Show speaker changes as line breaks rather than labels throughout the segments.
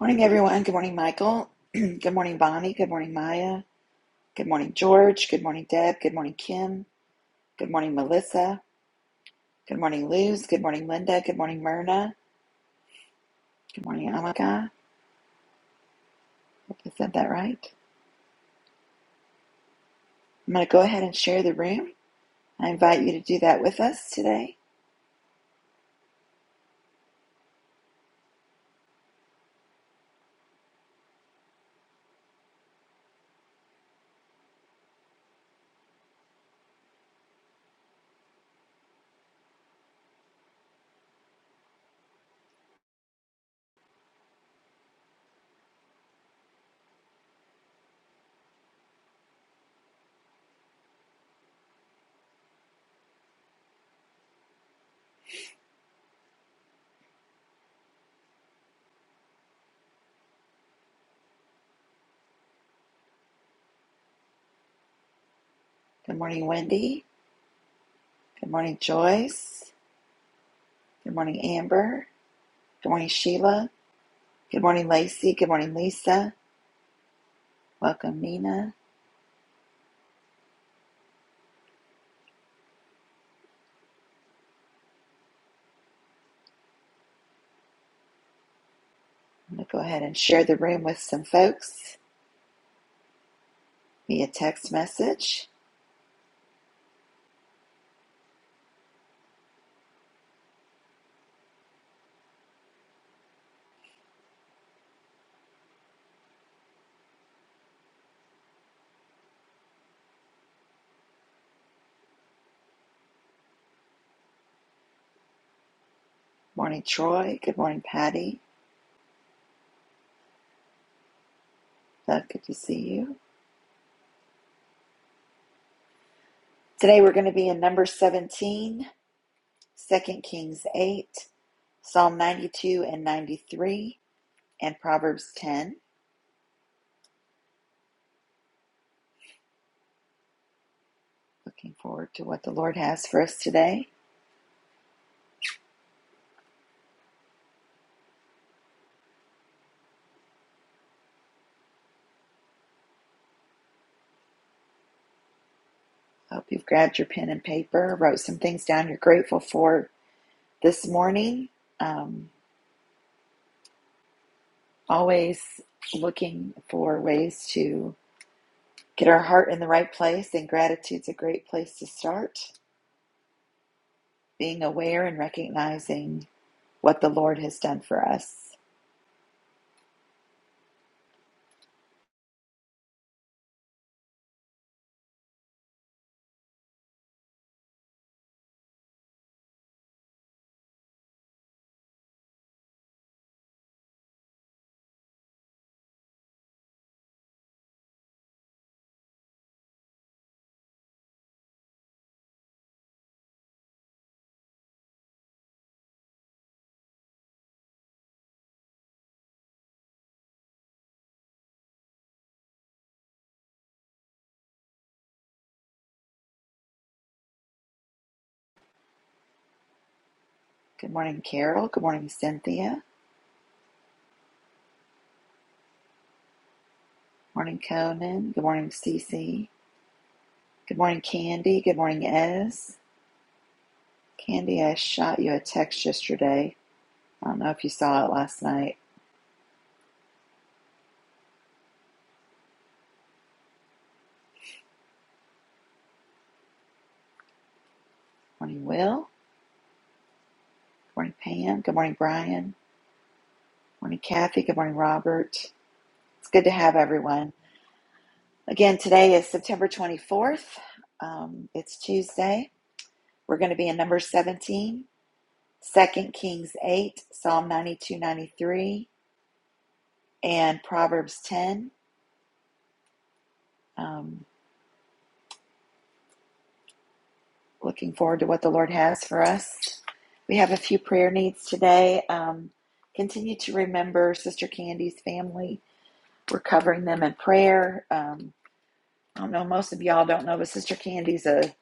Morning, everyone. Good morning, Michael. Good morning, Bonnie. Good morning, Maya. Good morning, George. Good morning, Deb. Good morning, Kim. Good morning, Melissa. Good morning, Luz. Good morning, Linda. Good morning, Myrna. Good morning, Amaka. Hope I said that right. I'm going to go ahead and share the room. I invite you to do that with us today. Good morning, Wendy. Good morning, Joyce. Good morning, Amber. Good morning, Sheila. Good morning, Lacey. Good morning, Lisa. Welcome, Nina. I'm going to go ahead and share the room with some folks. via text message. Morning, Troy. Good morning, Patty. Love, good to see you. Today we're going to be in number 17, Second Kings 8, Psalm 92 and 93, and Proverbs 10. Looking forward to what the Lord has for us today. Hope you've grabbed your pen and paper, wrote some things down you're grateful for this morning. Um, always looking for ways to get our heart in the right place, and gratitude's a great place to start. being aware and recognizing what the Lord has done for us. Good morning, Carol. Good morning, Cynthia. Good Morning, Conan. Good morning, Cece. Good morning, Candy. Good morning, Ez. Candy, I shot you a text yesterday. I don't know if you saw it last night. Good Morning, Will. Good morning, Pam. Good morning, Brian. Good Morning, Kathy. Good morning, Robert. It's good to have everyone. Again, today is September 24th. Um, it's Tuesday. We're going to be in number 17 Second Kings 8, Psalm 92 93, and Proverbs 10. Um, looking forward to what the Lord has for us. We have a few prayer needs today. Um, continue to remember Sister Candy's family. We're covering them in prayer. Um, I don't know, most of y'all don't know, but Sister Candy's a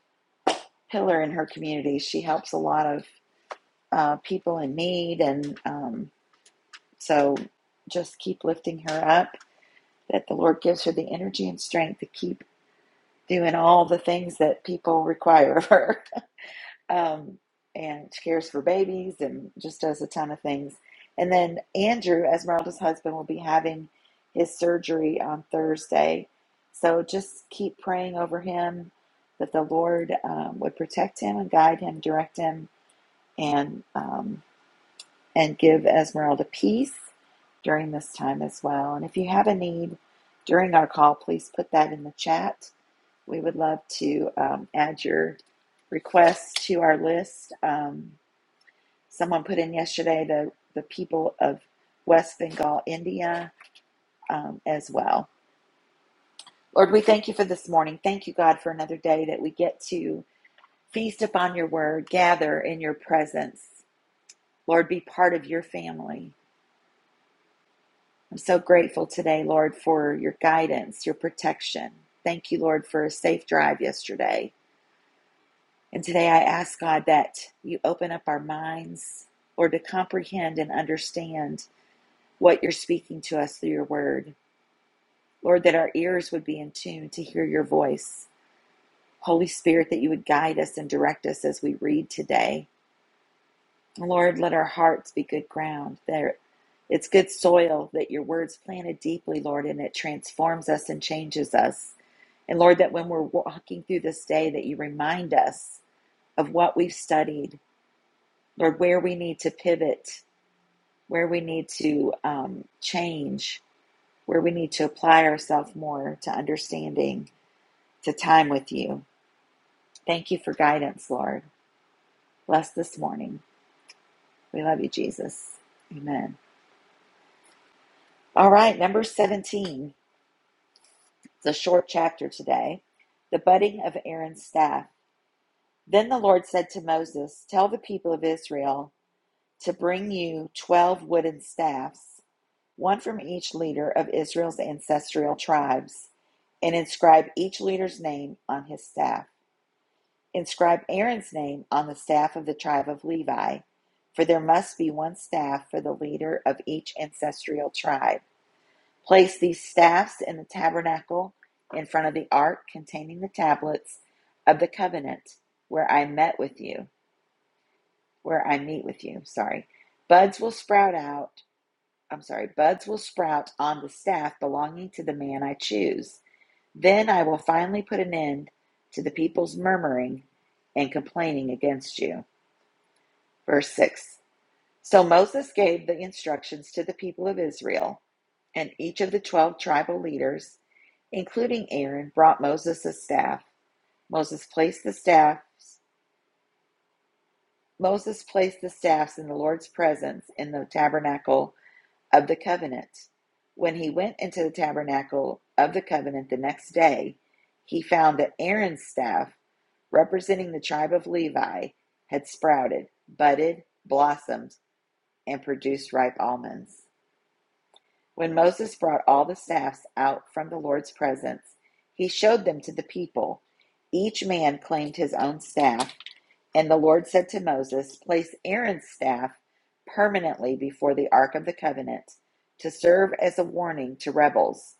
pillar in her community. She helps a lot of uh, people in need, and um, so just keep lifting her up. That the Lord gives her the energy and strength to keep doing all the things that people require of her. Um, and she cares for babies and just does a ton of things. And then Andrew, Esmeralda's husband, will be having his surgery on Thursday. So just keep praying over him that the Lord um, would protect him and guide him, direct him, and um, and give Esmeralda peace during this time as well. And if you have a need during our call, please put that in the chat we would love to um, add your requests to our list. Um, someone put in yesterday the, the people of West Bengal, India, um, as well. Lord, we thank you for this morning. Thank you, God, for another day that we get to feast upon your word, gather in your presence. Lord, be part of your family. I'm so grateful today, Lord, for your guidance, your protection. Thank you, Lord, for a safe drive yesterday. And today I ask God that you open up our minds, Lord, to comprehend and understand what you're speaking to us through your word. Lord, that our ears would be in tune to hear your voice. Holy Spirit, that you would guide us and direct us as we read today. Lord, let our hearts be good ground. There it's good soil that your words planted deeply, Lord, and it transforms us and changes us. And Lord, that when we're walking through this day, that you remind us of what we've studied Lord, where we need to pivot, where we need to um, change, where we need to apply ourselves more to understanding, to time with you. Thank you for guidance, Lord. Bless this morning. We love you, Jesus. Amen. All right, number 17. It's a short chapter today. The budding of Aaron's staff. Then the Lord said to Moses, Tell the people of Israel to bring you 12 wooden staffs one from each leader of Israel's ancestral tribes, and inscribe each leader's name on his staff. Inscribe Aaron's name on the staff of the tribe of Levi, for there must be one staff for the leader of each ancestral tribe. Place these staffs in the tabernacle in front of the ark containing the tablets of the covenant where I met with you, where I meet with you, sorry. Buds will sprout out I'm sorry, buds will sprout on the staff belonging to the man I choose. Then I will finally put an end to the people's murmuring and complaining against you. Verse 6 So Moses gave the instructions to the people of Israel, and each of the 12 tribal leaders, including Aaron, brought Moses a staff. Moses placed the staffs. Moses placed the staffs in the Lord's presence in the tabernacle of the covenant. When he went into the tabernacle of the covenant the next day, he found that Aaron's staff, representing the tribe of Levi, had sprouted, budded, blossomed, and produced ripe almonds. When Moses brought all the staffs out from the Lord's presence, he showed them to the people. Each man claimed his own staff and the Lord said to Moses, Place Aaron's staff permanently before the Ark of the Covenant to serve as a warning to rebels.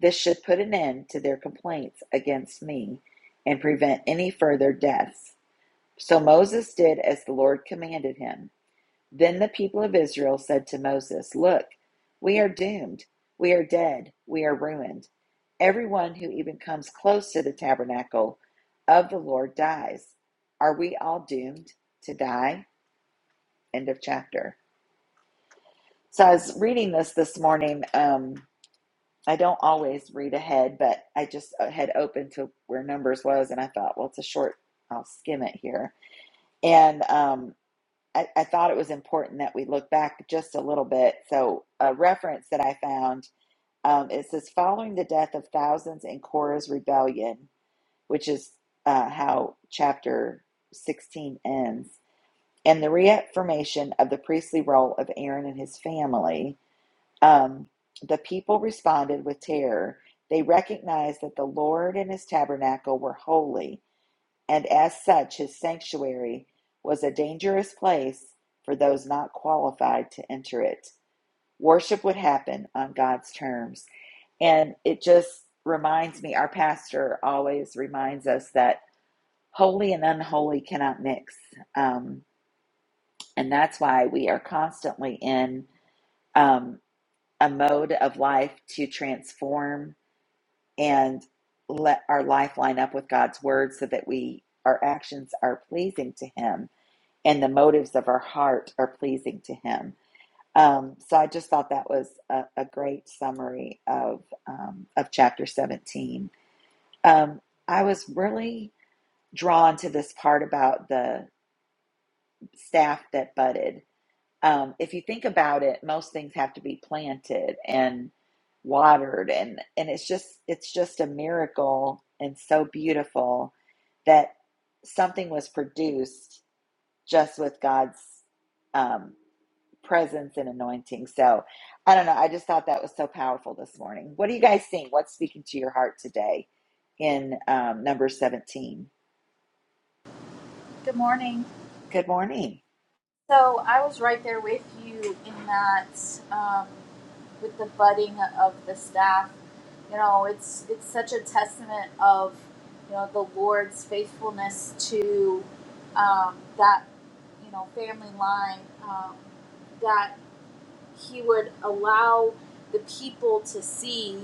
This should put an end to their complaints against me and prevent any further deaths. So Moses did as the Lord commanded him. Then the people of Israel said to Moses, Look, we are doomed. We are dead. We are ruined. Everyone who even comes close to the tabernacle of the Lord dies. Are we all doomed to die? End of chapter. So I was reading this this morning. Um, I don't always read ahead, but I just uh, had opened to where Numbers was, and I thought, well, it's a short, I'll skim it here. And um, I, I thought it was important that we look back just a little bit. So, a reference that I found um, it says, following the death of thousands in Korah's rebellion, which is uh, how chapter 16 ends, and the reaffirmation of the priestly role of Aaron and his family, um, the people responded with terror. They recognized that the Lord and his tabernacle were holy, and as such, his sanctuary was a dangerous place for those not qualified to enter it. Worship would happen on God's terms. And it just reminds me, our pastor always reminds us that holy and unholy cannot mix. Um, and that's why we are constantly in um, a mode of life to transform and let our life line up with God's word so that we our actions are pleasing to him and the motives of our heart are pleasing to him. Um, so I just thought that was a, a great summary of um, of chapter 17. Um, I was really drawn to this part about the staff that budded. Um, if you think about it, most things have to be planted and watered, and and it's just it's just a miracle and so beautiful that something was produced just with God's um, presence and anointing. So I don't know. I just thought that was so powerful this morning. What are you guys seeing? What's speaking to your heart today in um, number 17?
Good morning.
Good morning.
So I was right there with you in that, um, with the budding of the staff. You know, it's it's such a testament of, you know, the Lord's faithfulness to um, that you know family line um, that he would allow the people to see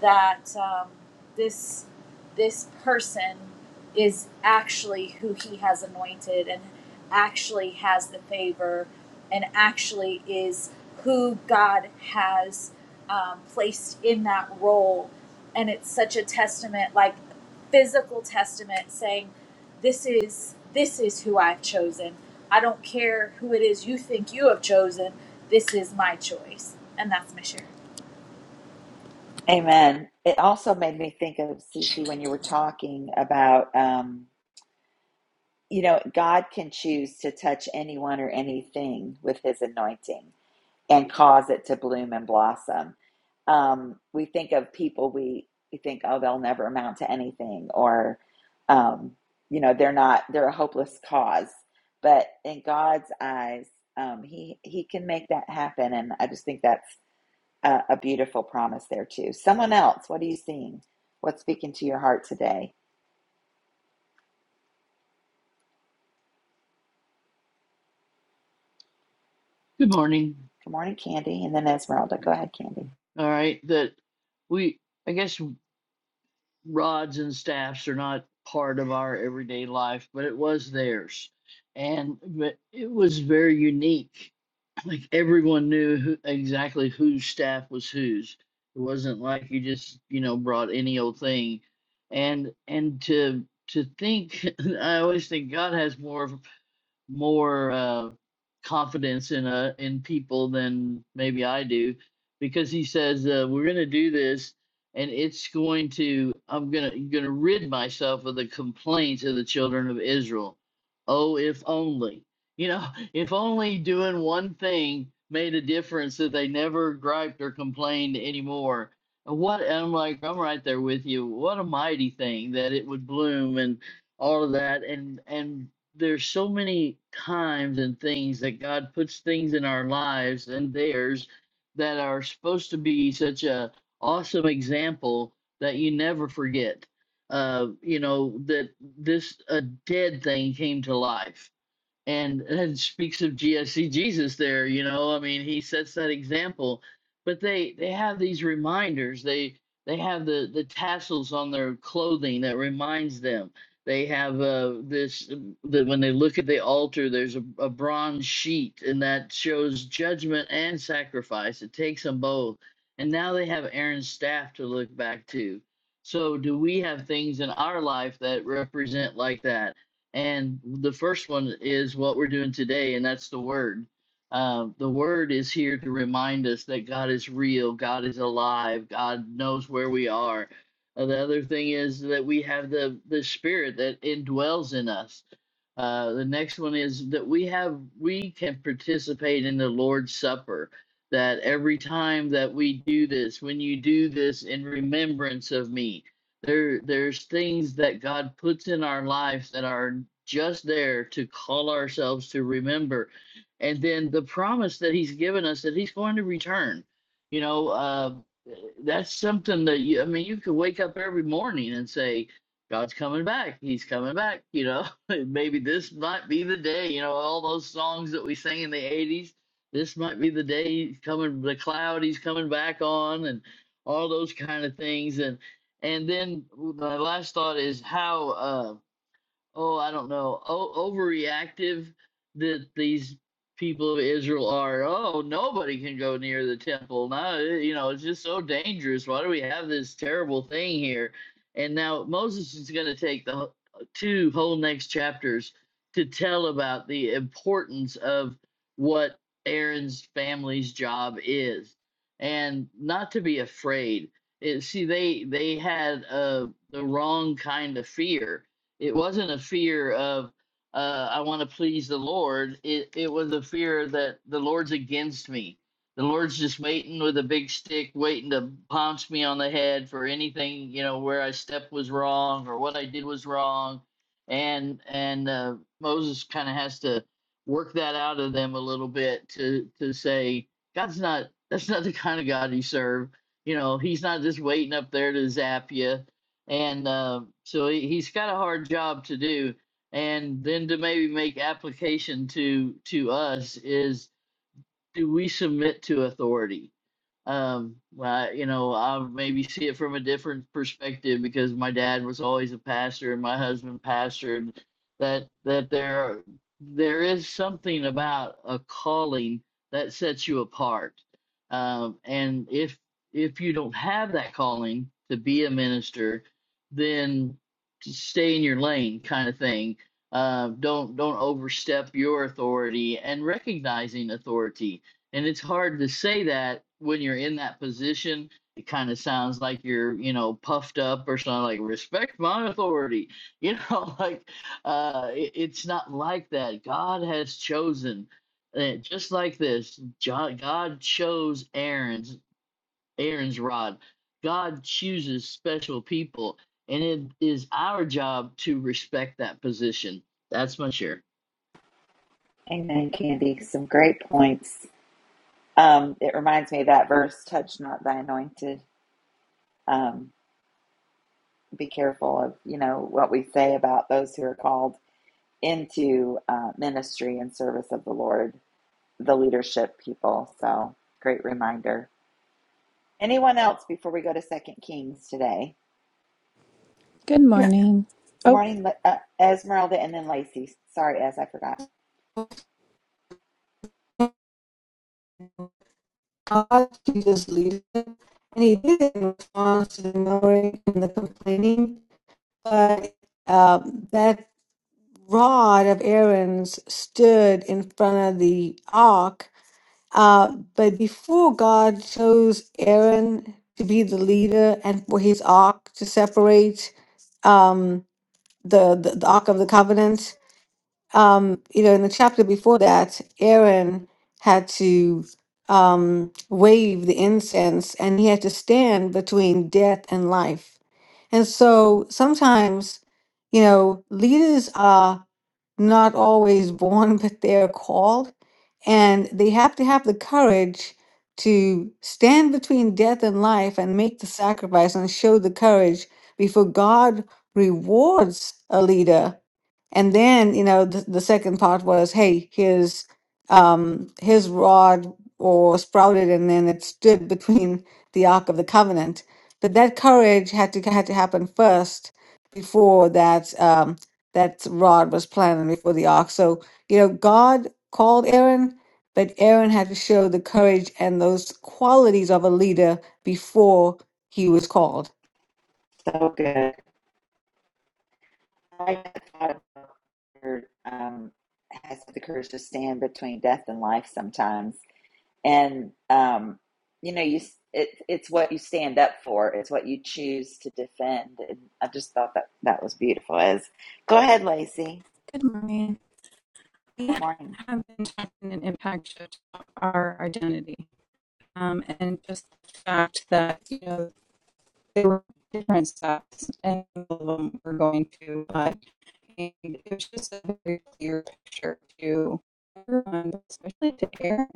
that um, this this person is actually who he has anointed and actually has the favor and actually is who God has um, placed in that role and it's such a testament like physical testament saying this is this is who i've chosen i don't care who it is you think you have chosen this is my choice and that's my share
Amen. It also made me think of Cece when you were talking about, um, you know, God can choose to touch anyone or anything with his anointing. and cause it to bloom and blossom. Um, we think of people we we think, oh, they'll never amount to anything, or um, you know, they're not they're a hopeless cause. But in God's eyes, um, he he can make that happen, and I just think that's a, a beautiful promise there too. Someone else, what are you seeing? What's speaking to your heart today?
Good morning.
Good morning, Candy, and then Esmeralda. Go ahead, Candy.
All right, that we, I guess rods and staffs are not part of our everyday life, but it was theirs. And but it was very unique. Like everyone knew who, exactly whose staff was whose. It wasn't like you just, you know, brought any old thing. And and to to think, I always think God has more more uh, confidence in uh, in people than maybe I do, because he says uh, we're going to do this, and it's going to I'm going to going to rid myself of the complaints of the children of Israel. Oh, if only you know, if only doing one thing made a difference that they never griped or complained anymore. And What and I'm like, I'm right there with you. What a mighty thing that it would bloom and all of that and and there's so many times and things that God puts things in our lives and theirs that are supposed to be such a awesome example that you never forget. Uh, you know that this a dead thing came to life and it speaks of GSC Jesus there, you know. I mean, he sets that example. But they they have these reminders. They they have the the tassels on their clothing that reminds them. They have uh, this that when they look at the altar, there's a, a bronze sheet, and that shows judgment and sacrifice. It takes them both. And now they have Aaron's staff to look back to. So, do we have things in our life that represent like that? And the first one is what we're doing today, and that's the Word. Uh, the Word is here to remind us that God is real, God is alive, God knows where we are. Uh, the other thing is that we have the, the Spirit that indwells in us. Uh, the next one is that we have we can participate in the Lord's Supper. That every time that we do this, when you do this in remembrance of me, there there's things that God puts in our lives that are just there to call ourselves to remember. And then the promise that he's given us that he's going to return. You know, uh, that's something that you, I mean, you could wake up every morning and say, God's coming back. He's coming back. You know, maybe this might be the day, you know, all those songs that we sang in the 80s. This might be the day he's coming, the cloud he's coming back on, and all those kind of things. And and then my last thought is how uh, oh, I don't know, o- overreactive that these people of Israel are. Oh, nobody can go near the temple. Now, you know, it's just so dangerous. Why do we have this terrible thing here? And now Moses is going to take the whole- two whole next chapters to tell about the importance of what Aaron's family's job is and not to be afraid. It, see, they they had uh, the wrong kind of fear it wasn't a fear of uh, I want to please the Lord. It it was a fear that the Lord's against me. The Lord's just waiting with a big stick, waiting to pounce me on the head for anything you know where I stepped was wrong or what I did was wrong, and and uh, Moses kind of has to work that out of them a little bit to to say God's not that's not the kind of God you serve. You know, He's not just waiting up there to zap you and uh, so he, he's got a hard job to do and then to maybe make application to to us is do we submit to authority um, I you know, I maybe see it from a different perspective because my dad was always a pastor and my husband pastored. That that there there is something about a calling that sets you apart. Um, and if if you don't have that calling to be a minister, then just stay in your lane, kind of thing. Uh, don't don't overstep your authority and recognizing authority and it's hard to say that when you're in that position it kind of sounds like you're you know puffed up or something like respect my authority you know like uh it- it's not like that god has chosen uh, just like this Jo- god chose aaron's aaron's rod god chooses special people and it is our job to respect that position that's my share
Amen, Candy. Some great points. Um, it reminds me of that verse, touch not thy anointed. Um, be careful of, you know, what we say about those who are called into uh, ministry and service of the Lord, the leadership people. So great reminder. Anyone else before we go to Second Kings today?
Good
Yeah,
morning.
Good
Oh,
morning, Le- uh, Esmeralda, and then Lacey. Sorry, Ez, I forgot.
God, He just And he did it in response to the murmuring and the complaining. But um, that rod of Aaron's stood in front of the ark. Uh, but before God chose Aaron to be the leader and for his ark to separate um, the, the, the ark of the covenant, um, you know, in the chapter before that, Aaron had to um, wave the incense and he had to stand between death and life. And so sometimes, you know, leaders are not always born, but they're called and they have to have the courage to stand between death and life and make the sacrifice and show the courage before God rewards a leader and then, you know, the, the second part was, hey, his um his rod or sprouted and then it stood between the Ark of the Covenant. But that courage had to had to happen first before that um that rod was planted before the ark. So, you know, God called Aaron, but Aaron had to show the courage and those qualities of a leader before he was called.
So good. I thought about her, um, has the courage to stand between death and life sometimes, and um, you know, you s- it, it's what you stand up for. It's what you choose to defend. And I just thought that that was beautiful. As go ahead, Lacey.
Good morning. We
Good morning.
have been talking an impact shift of our identity, um, and just the fact that you know there were different steps, and all of them were going to, but it was just a very clear picture to everyone, but especially to Aaron,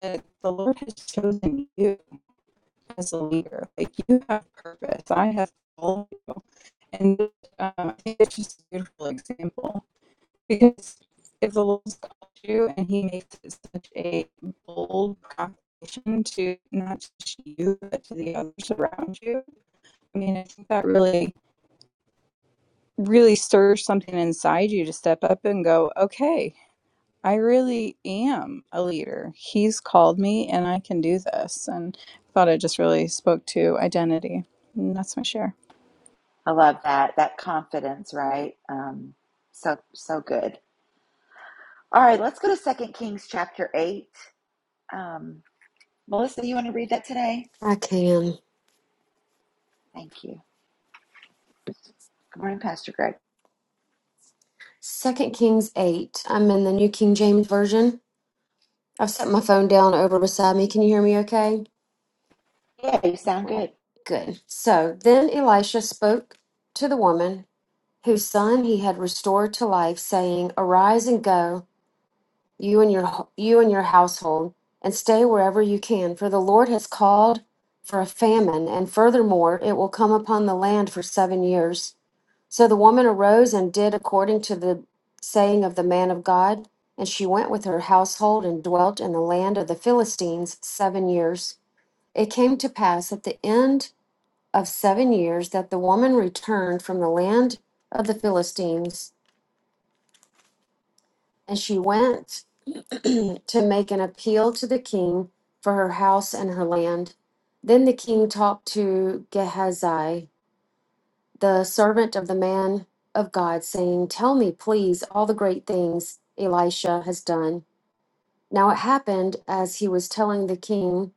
that the Lord has chosen you as a leader. Like you have purpose. I have all you, and um, I think it's just a beautiful example Because if the Lord called you and He makes it such a bold proclamation to not just you but to the others around you, I mean, I think that really, really stirs something inside you to step up and go, okay, I really am a leader. He's called me, and I can do this. And I thought it just really spoke to identity. And that's my share.
I love that that confidence, right? Um, so so good. All right, let's go to Second Kings chapter eight. Um, Melissa, you want to read that today?
I can.
Thank you. Good morning, Pastor Greg.
Second Kings 8. I'm in the New King James Version. I've set my phone down over beside me. Can you hear me okay?
Yeah, you sound
All right.
good.
Good. So then Elisha spoke to the woman whose son he had restored to life, saying, Arise and go, you and your you and your household, and stay wherever you can, for the Lord has called for a famine, and furthermore it will come upon the land for seven years. So the woman arose and did according to the saying of the man of God, and she went with her household and dwelt in the land of the Philistines seven years. It came to pass at the end of seven years that the woman returned from the land of the Philistines, and she went to make an appeal to the king for her house and her land. Then the king talked to Gehazi the servant of the man of God, saying, Tell me, please, all the great things Elisha has done. Now it happened as he was telling the king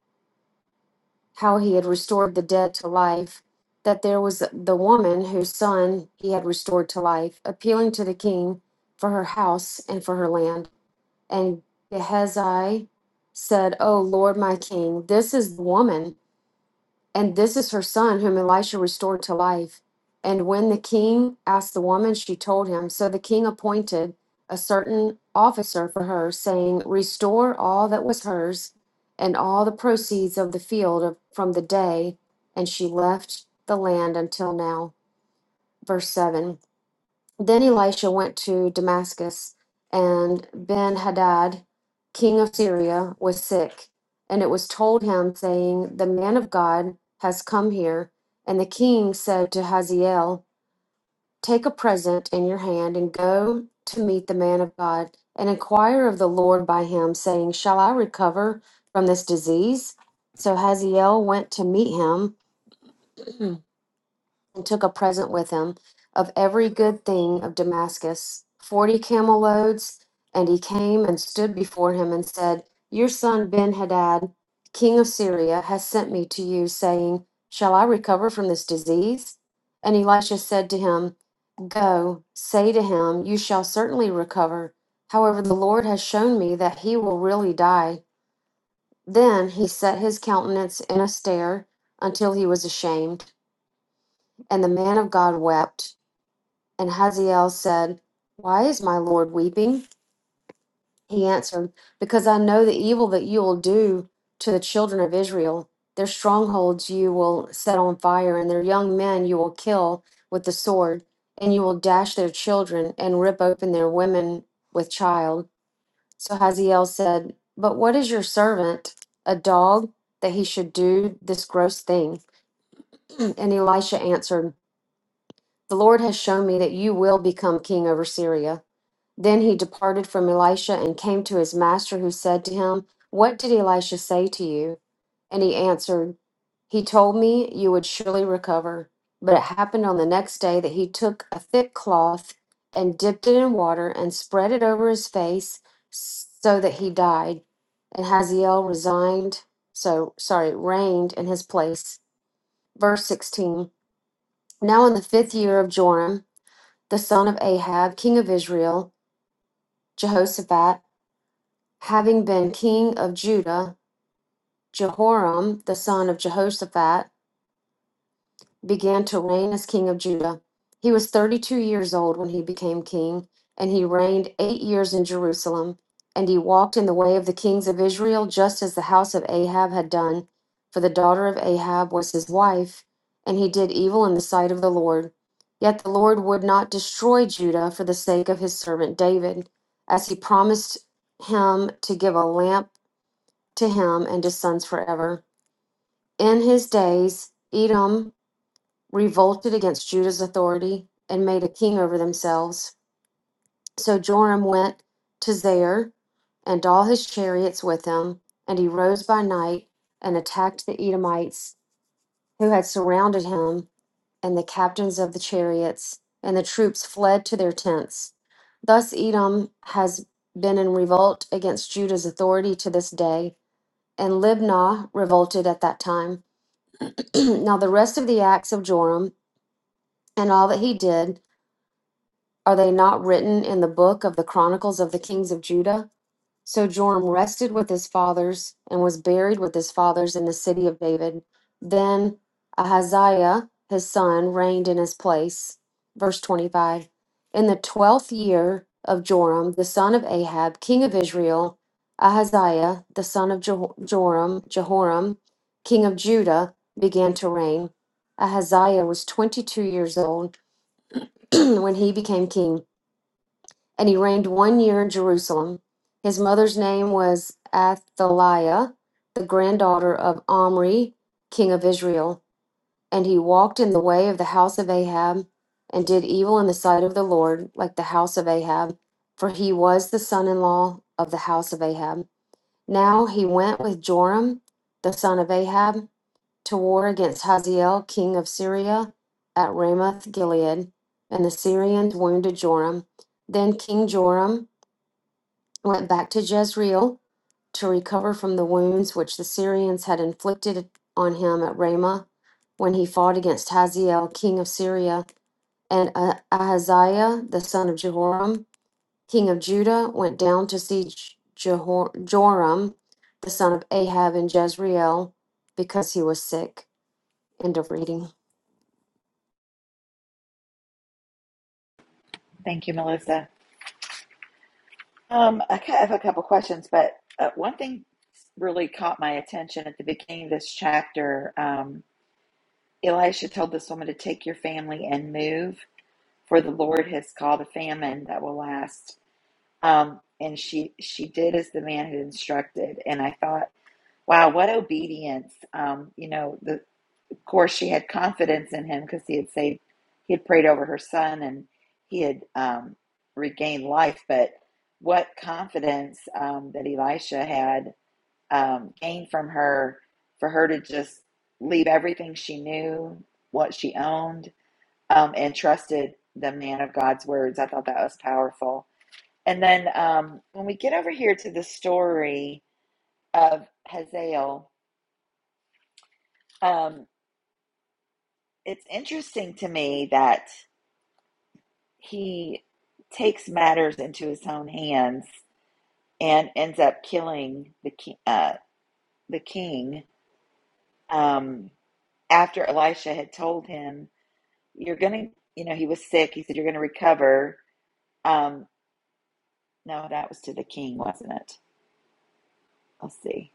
how he had restored the dead to life, that there was the woman whose son he had restored to life, appealing to the king for her house and for her land. And Gehazi said, O Lord my king, this is the woman and this is her son, whom Elisha restored to life. And when the king asked the woman, she told him. So the king appointed a certain officer for her, saying, Restore all that was hers and all the proceeds of the field of, from the day. And she left the land until now. Verse 7. Then Elisha went to Damascus, and Ben Hadad, king of Syria, was sick. And it was told him, saying, The man of God has come here. And the king said to Hazael, Take a present in your hand and go to meet the man of God and inquire of the Lord by him, saying, Shall I recover from this disease? So Hazael went to meet him. and took a present with him of every good thing of Damascus, forty camel loads. And he came and stood before him and said, Your son Ben Hadad, king of Syria, has sent me to you, saying, Shall I recover from this disease? And Elisha said to him, Go, say to him, You shall certainly recover. However, the Lord has shown me that he will really die. Then he set his countenance in a stare until he was ashamed, and the man of God wept. And Hazael said, Why is my Lord weeping? He answered, Because I know the evil that you will do to the children of Israel. Their strongholds you will set on fire, and their young men you will kill with the sword, and you will dash their children and rip open their women with child. So Hazael said, But what is your servant, a dog, that he should do this gross thing? and Elisha answered, The Lord has shown me that you will become king over Syria. Then he departed from Elisha and came to his master, who said to him, What did Elisha say to you? And he answered, He told me you would surely recover. But it happened on the next day that he took a thick cloth and dipped it in water and spread it over his face so that he died. And Hazael resigned, so sorry, reigned in his place. Verse 16 Now in the fifth year of Joram, the son of Ahab, king of Israel, Jehoshaphat, having been king of Judah, Jehoram, the son of Jehoshaphat, began to reign as king of Judah. He was 32 years old when he became king, and he reigned eight years in Jerusalem. And he walked in the way of the kings of Israel, just as the house of Ahab had done, for the daughter of Ahab was his wife, and he did evil in the sight of the Lord. Yet the Lord would not destroy Judah for the sake of his servant David, as he promised him to give a lamp to him and his sons forever. In his days, Edom revolted against Judah's authority and made a king over themselves. So Joram went to Zair and all his chariots with him, and he rose by night and attacked the Edomites who had surrounded him and the captains of the chariots, and the troops fled to their tents. Thus Edom has been in revolt against Judah's authority to this day, and Libnah revolted at that time. now the rest of the acts of Joram and all that he did, are they not written in the book of the Chronicles of the Kings of Judah? So Joram rested with his fathers and was buried with his fathers in the city of David. Then Ahaziah, his son, reigned in his place. Verse 25. In the twelfth year of Joram, the son of Ahab, king of Israel, Ahaziah, the son of Jo- Joram, Jehoram, king of Judah, began to reign. Ahaziah was 22 years old when he became king and he reigned one year in Jerusalem. His mother's name was Athaliah, the granddaughter of Omri, king of Israel. And he walked in the way of the house of Ahab and did evil in the sight of the Lord, like the house of Ahab, for he was the son in law of the house of Ahab. Now he went with Joram, the son of Ahab, to war against Hazael, king of Syria, at Ramoth Gilead. And the Syrians wounded Joram. Then King Joram went back to Jezreel to recover from the wounds which the Syrians had inflicted on him at Ramah when he fought against Hazael, king of Syria, and uh, Ahaziah, the son of Jehoram, king of Judah, went down to see J- Jehor- Joram, the son of Ahab, in Jezreel because he was sick. End of reading.
Thank you, Melissa. Um, I ca- have a couple questions, but uh, one thing really caught my attention at the beginning of this chapter. Um, Elisha told this woman to take your family and move, for the Lord has called a famine that will last. Um, and she she did as the man had instructed. And I thought, wow, what obedience! Um, you know, the. Of course, she had confidence in him because he had saved, he had prayed over her son and he had um, regained life. But what confidence um, that Elisha had um, gained from her for her to just leave everything she knew, what she owned, um, and trusted the man of God's words. I thought that was powerful. And then um, when we get over here to the story of Hazael, um, it's interesting to me that. he takes matters into his own hands and ends up killing the ki- uh, the king um, after Elisha had told him, "You're gonna," you know, he was sick. He said, "You're gonna recover." Um, no, that was to the king, wasn't it? Let's see.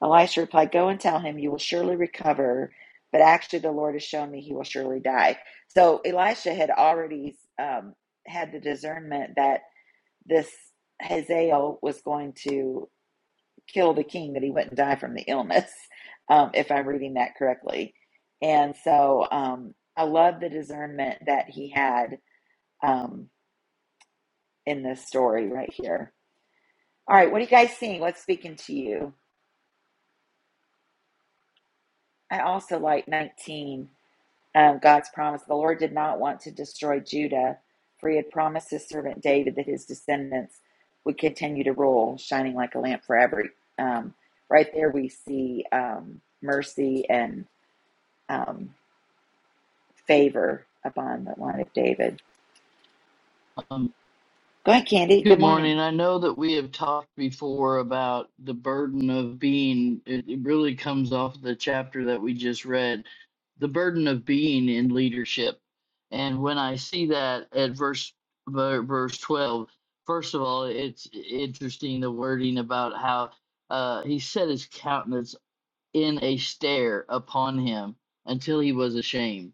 Elisha replied, "Go and tell him you will surely recover." But actually, the Lord has shown me he will surely die. So Elisha had already um, had the discernment that this Hazael was going to kill the king that he wouldn't die from the illness, um, if I'm reading that correctly. And so um, I love the discernment that he had um, in this story right here. All right, what are you guys seeing? What's speaking to you? I also like 19, um, God's promise. The Lord did not want to destroy Judah, for he had promised his servant David that his descendants would continue to rule, shining like a lamp forever. Um, right there, we see um, mercy and um, favor upon the line of David.
Um,
Go ahead, Candy. Good
Good
morning.
morning. I know that we have talked before about the burden of being, it, it really comes off the chapter that we just read, the burden of being in leadership. And when I see that at verse ver- verse 12, first of all, it's interesting the wording about how uh, he set his countenance in a stare upon him until he was ashamed.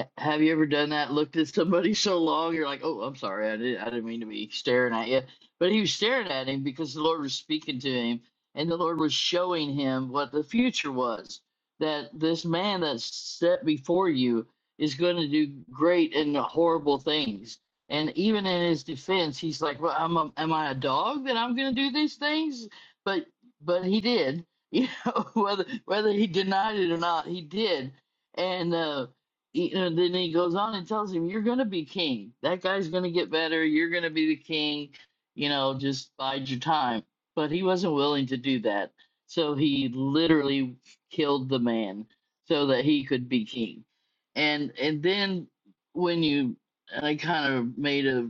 H- Have you ever done that? Looked at somebody so long, you're like, "Oh, I'm sorry, I didn't, I didn't mean to be staring at you." But he was staring at him because the Lord was speaking to him, and the Lord was showing him what the future was. That this man that's set before you is going to do great and horrible things. And even in his defense, he's like, "Well, I'm a, am I a dog that I'm going to do these things?" But but he did you know whether whether he denied it or not he did and uh you know then he goes on and tells him you're gonna be king that guy's gonna get better you're gonna be the king you know just bide your time but he wasn't willing to do that so he literally killed the man so that he could be king and and then when you and i kind of made a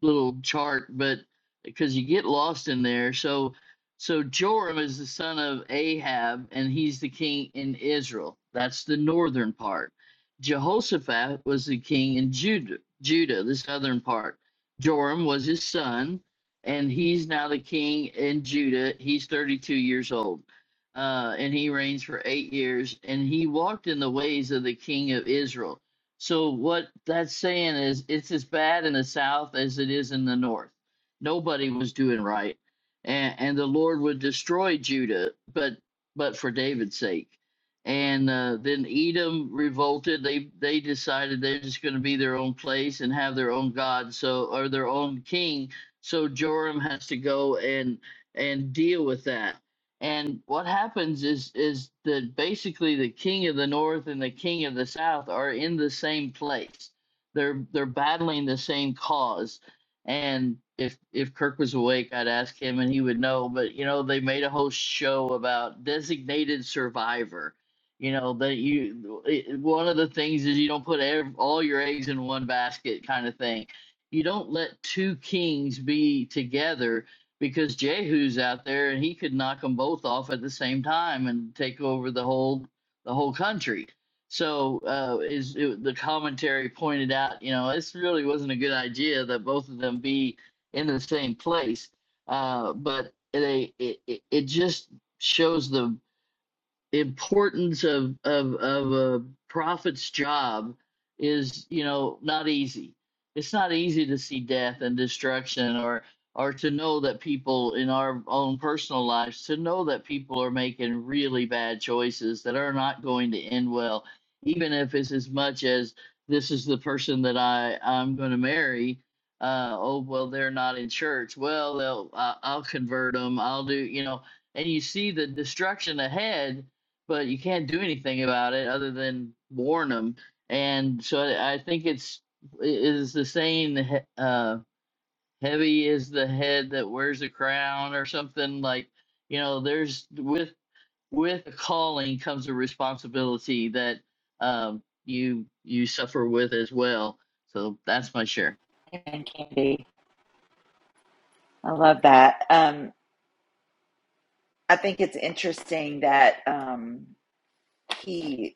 little chart but because you get lost in there so so Joram is the son of Ahab, and he's the king in Israel. That's the northern part. Jehoshaphat was the king in Judah, Judah, the southern part. Joram was his son, and he's now the king in Judah. He's 32 years old, uh, and he reigns for eight years, and he walked in the ways of the king of Israel. So what that's saying is it's as bad in the south as it is in the north. Nobody was doing right and, and the Lord would destroy Judah, but but for David's sake. And uh, then Edom revolted. They they decided they're just going to be their own place and have their own god, so or their own king. So Joram has to go and and deal with that. And what happens is is that basically the king of the north and the king of the south are in the same place. They're they're battling the same cause and if if Kirk was awake, I'd ask him, and he would know. But you know, they made a whole show about designated survivor. You know that you it, one of the things is you don't put ev- all your eggs in one basket, kind of thing. You don't let two kings be together because Jehu's out there and he could knock them both off at the same time and take over the whole the whole country so uh, is it, the commentary pointed out, you know, this really wasn't a good idea that both of them be in the same place. Uh, but they it, it, it just shows the importance of of of a prophet's job is you know not easy it's not easy to see death and destruction or or to know that people in our own personal lives to know that people are making really bad choices that are not going to end well even if it's as much as this is the person that i i'm going to marry uh oh well they're not in church well they'll I, i'll convert them i'll do you know and you see the destruction ahead but you can't do anything about it other than warn them. And so I I think it's is the saying uh, "heavy is the head that wears the crown" or something like you know. There's with with a calling comes a responsibility that um, you you suffer with as well. So that's my share.
Amen, Candy. I love that. Um, I think it's interesting that um, he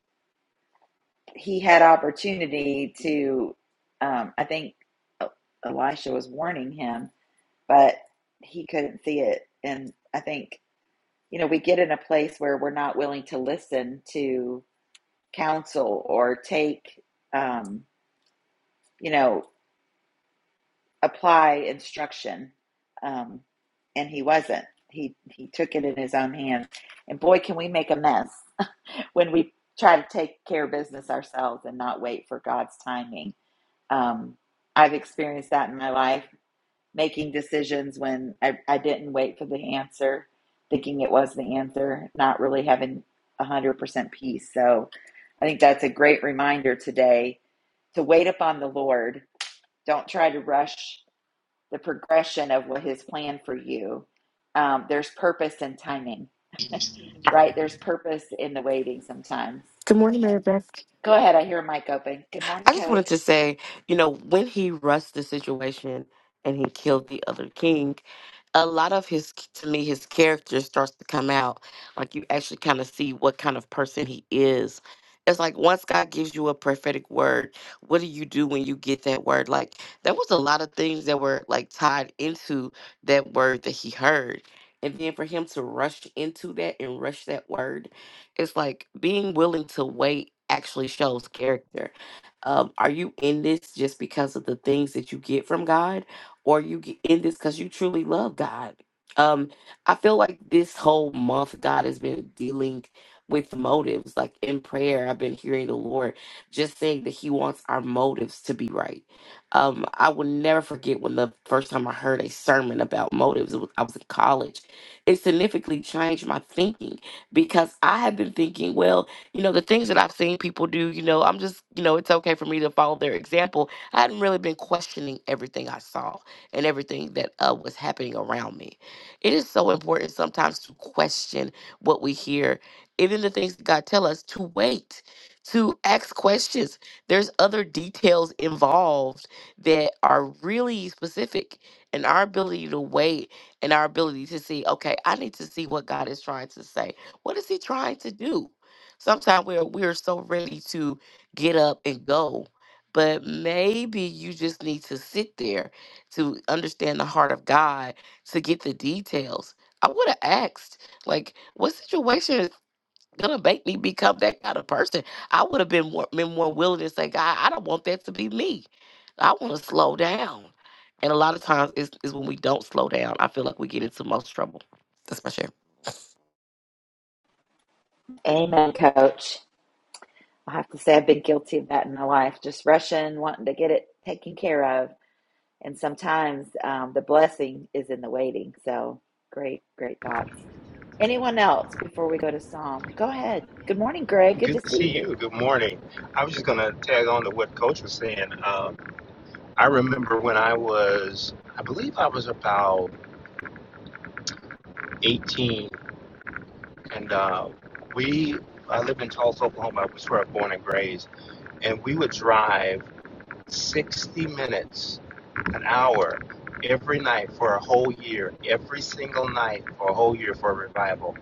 he had opportunity to. Um, I think E- Elisha was warning him, but he couldn't see it. And I think you know we get in a place where we're not willing to listen to counsel or take um, you know apply instruction. Um, and he wasn't. He he took it in his own hands. And boy, can we make a mess when we try to take care of business ourselves and not wait for God's timing. Um, I've experienced that in my life, making decisions when I, I didn't wait for the answer, thinking it was the answer, not really having 100% peace. So I think that's a great reminder today to wait upon the Lord. Don't try to rush the progression of what his plan for you. Um, there's purpose and timing, right? There's purpose in the waiting sometimes.
Good morning, Mary Beth.
Go ahead. I hear a mic open. Good morning,
I just wanted to
coach.
say, you know, when he rushed the situation and he killed the other king, a lot of his, to me, his character starts to come out. Like you actually kind of see what kind of person he is. It's like once God gives you a prophetic word, what do you do when you get that word? Like there was a lot of things that were like tied into that word that he heard. And then for him to rush into that and rush that word, it's like being willing to wait actually shows character um, are you in this just because of the things that you get from God, or you get in this because you truly love God? Um, I feel like this whole month God has been dealing with motives. Like in prayer, I've been hearing the Lord just saying that He wants our motives to be right. Um, I will never forget when the first time I heard a sermon about motives. It was, I was in college. It significantly changed my thinking because I had been thinking, well you know, the things that I've seen people do, you know, I'm just, you know, it's okay for me to follow their example. I hadn't really been questioning everything I saw and everything that uh, was happening around me. It is so important sometimes to question what we hear, even the things that God tell us to wait, to ask questions. There's other details involved that are really specific and our ability to wait and our ability to see, okay, I need to see what God is trying to say. What is he trying to do? Sometimes we're we're so ready to get up and go, but maybe you just need to sit there to understand the heart of God to get the details. I would have asked, like, what situation is gonna make me become that kind of person? I would have been more, been more willing to say, God, I don't want that to be me. I want to slow down. And a lot of times is is when we don't slow down, I feel like we get into most trouble. That's my share.
Amen, coach. I have to say, I've been guilty of that in my life, just rushing, wanting to get it taken care of. And sometimes um, the blessing is in the waiting. So great, great thoughts. Anyone else before we go to Psalm? Go ahead. Good morning, Greg. Good to
Good to see
see you.
you. Good morning. I was just going to tag on to what Coach was saying. Um, I remember when I was, I believe I was about 18, and uh, we, I lived in Tulsa, Oklahoma. It was where I was born and raised. And we would drive 60 minutes, an hour, every night for a whole year, every single night for a whole year for a revival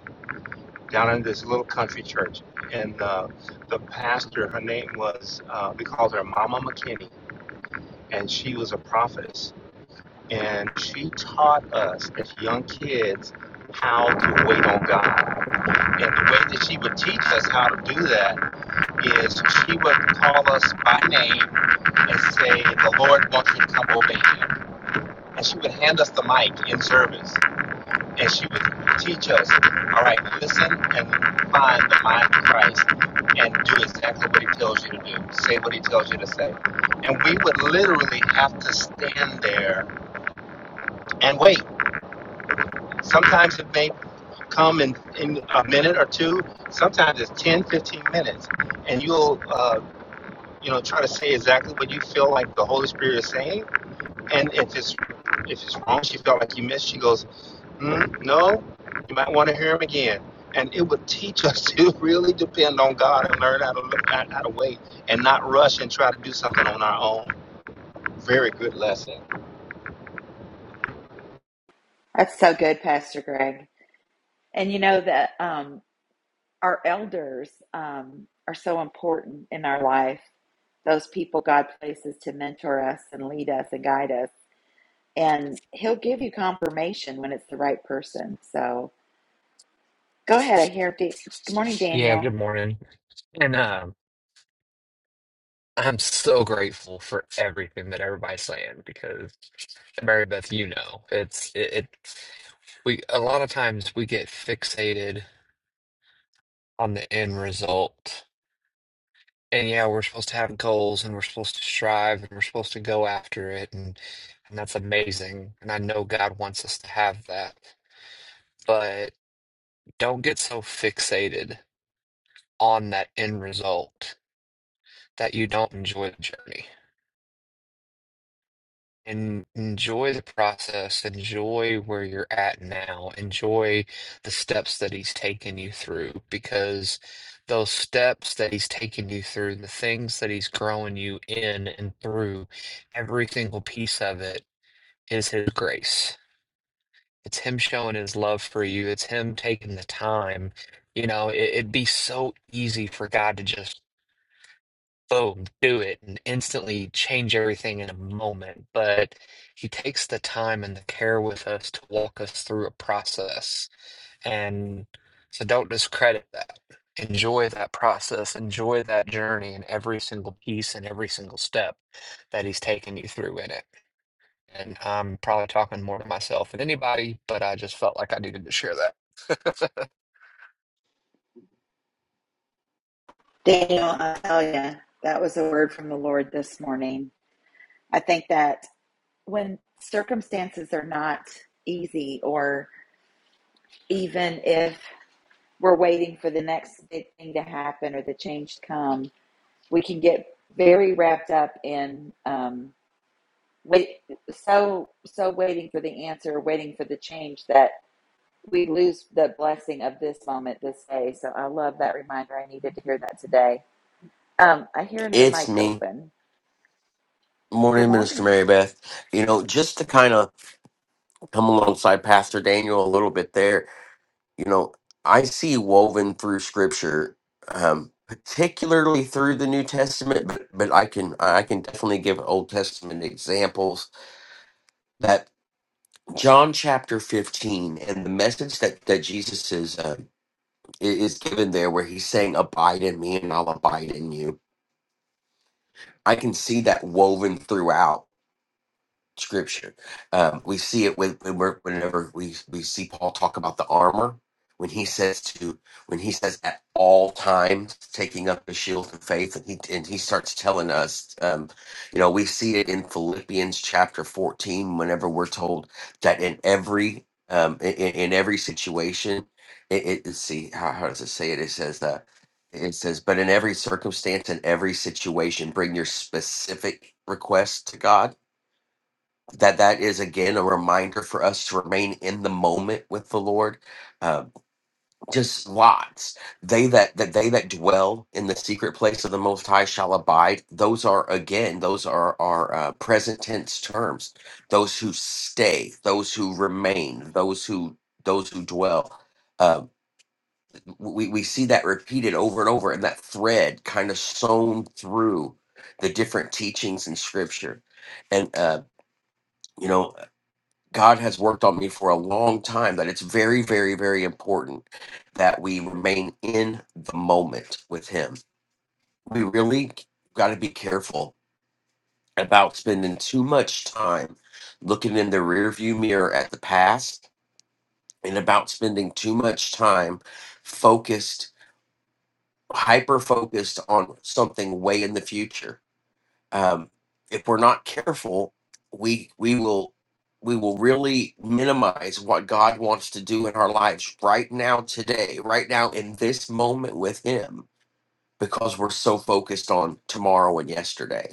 down in this little country church. And uh, the pastor, her name was, uh, we called her Mama McKinney and she was a prophetess. And she taught us as young kids how to wait on God. And the way that she would teach us how to do that is she would call us by name and say, The Lord wants you to come obey him. And she would hand us the mic in service. And she would teach us, All right, listen and find the mind of Christ and do exactly what he tells you to do. Say what he tells you to say. And we would literally have to stand there and wait. Sometimes it may come in, in a minute or two. Sometimes it's 10, 15 minutes. And you'll, uh, you know, try to say exactly what you feel like the Holy Spirit is saying. And if it's if it's wrong, she felt like you missed, she goes, mm, no, you might want to hear him again. And it would teach us to really depend on God and learn how to, how to wait and not rush and try to do something on our own. Very good lesson.
That's so good, Pastor Greg. And you know that. um, our elders um, are so important in our life. Those people God places to mentor us and lead us and guide us. And He'll give you confirmation when it's the right person. So go ahead. I hear. Da- Good morning,
Yeah,
Daniel.
good morning. And um, I'm so grateful for everything that everybody's saying because Mary Beth, you know, it's it, it we a lot of times we get fixated on the end result. And yeah, we're supposed to have goals and we're supposed to strive and we're supposed to go after it and and that's amazing. And I know God wants us to have that. But don't get so fixated on that end result that you don't enjoy the journey and enjoy the process, enjoy where you're at now, enjoy the steps that he's taken you through because those steps that he's taken you through, the things that he's growing you in and through, every single piece of it is his grace. It's him showing his love for you. It's him taking the time. You know, it, it'd be so easy for God to just boom, do it and instantly change everything in a moment. But he takes the time and the care with us to walk us through a process. And so don't discredit that. Enjoy that process, enjoy that journey and every single piece and every single step that he's taken you through in it and I'm probably talking more to myself than anybody, but I just felt like I needed to share that.
Daniel, I tell you, that was a word from the Lord this morning. I think that when circumstances are not easy, or even if we're waiting for the next big thing to happen or the change to come, we can get very wrapped up in um, wait, so so waiting for the answer, waiting for the change that we lose the blessing of this moment, this day. So I love that reminder. I needed to hear that today. Um, I hear another
It's
mic
me,
open. Good
Morning Minister
morning.
Mary Beth. You know, just to kind of come alongside Pastor Daniel a little bit there, you know, I see woven through scripture, um, particularly through the New Testament, but, but I can I can definitely give Old Testament examples that John chapter 15 and the message that, that Jesus is uh, i- is given there where he's saying abide in me and I'll abide in you. I can see that woven throughout scripture. Um, we see it when, when we're, whenever we, we see Paul talk about the armor when he says to when he says at all times taking up the shield of faith and he and he starts telling us um, you know we see it in Philippians chapter 14 whenever we're told that in every um, in, in every situation it, it let's see how, how does it say it it says that it says but in every circumstance and every situation bring your specific request to God that that is again a reminder for us to remain in the moment with the lord uh, just lots they that that they that dwell in the secret place of the most high shall abide those are again those are our uh, present tense terms those who stay those who remain those who those who dwell uh, we, we see that repeated over and over and that thread kind of sewn through the different teachings in scripture and uh, you know God has worked on me for a long time that it's very, very, very important that we remain in the moment with Him. We really got to be careful about spending too much time looking in the rearview mirror at the past and about spending too much time focused, hyper focused on something way in the future um, if we're not careful, we we will we will really minimize what God wants to do in our lives right now, today, right now in this moment with Him, because we're so focused on tomorrow and yesterday.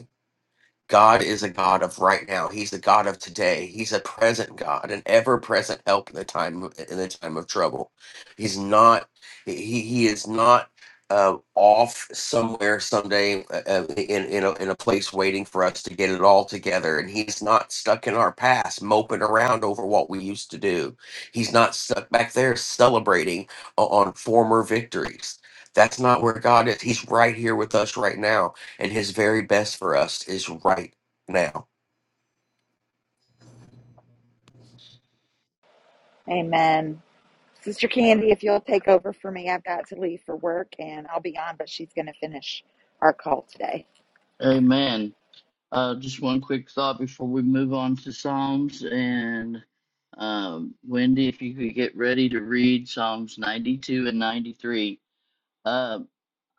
God is a God of right now. He's a God of today. He's a present God, an ever-present help in the time of- in the time of trouble. He's not. He he is not uh, off somewhere someday uh, uh, in in a, in a place waiting for us to get it all together. And he's not stuck in our past, moping around over what we used to do. He's not stuck back there celebrating o- on former victories. That's not where God is. He's right here with us right now and his very best for us is right now.
Amen. Sister Candy, if you'll take over for me, I've got to leave for work and I'll be on, but she's going to finish our call today.
Amen. Uh, just one quick thought before we move on to Psalms. And um, Wendy, if you could get ready to read Psalms 92 and 93. Uh,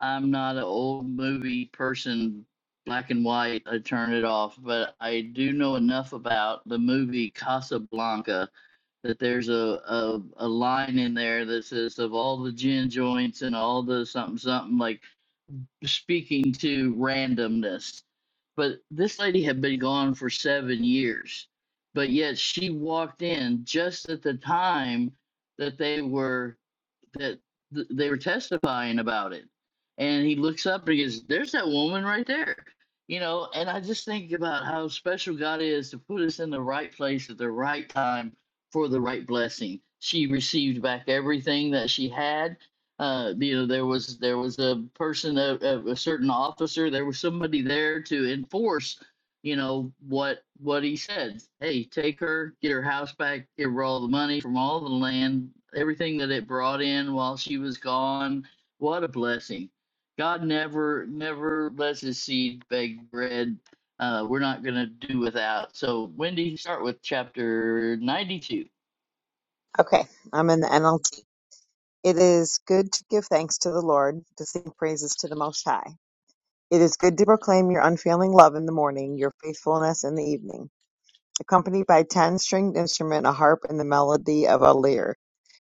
I'm not an old movie person, black and white, I turn it off, but I do know enough about the movie Casablanca that there's a, a, a line in there that says, of all the gin joints and all the something, something, like speaking to randomness, but this lady had been gone for seven years, but yet she walked in just at the time that they were that th- they were testifying about it. And he looks up and he goes, There's that woman right there. You know, and I just think about how special God is to put us in the right place at the right time for the right blessing. She received back everything that she had. Uh, you know, there was there was a person, a, a, a certain officer, there was somebody there to enforce you know what what he said hey take her get her house back give her all the money from all the land everything that it brought in while she was gone what a blessing god never never lets his seed beg bread uh, we're not going to do without so wendy start with chapter 92
Okay, I'm in the NLT. It is good to give thanks to the Lord, to sing praises to the Most High. It is good to proclaim your unfailing love in the morning, your faithfulness in the evening. Accompanied by ten stringed instrument, a harp, and the melody of a lyre.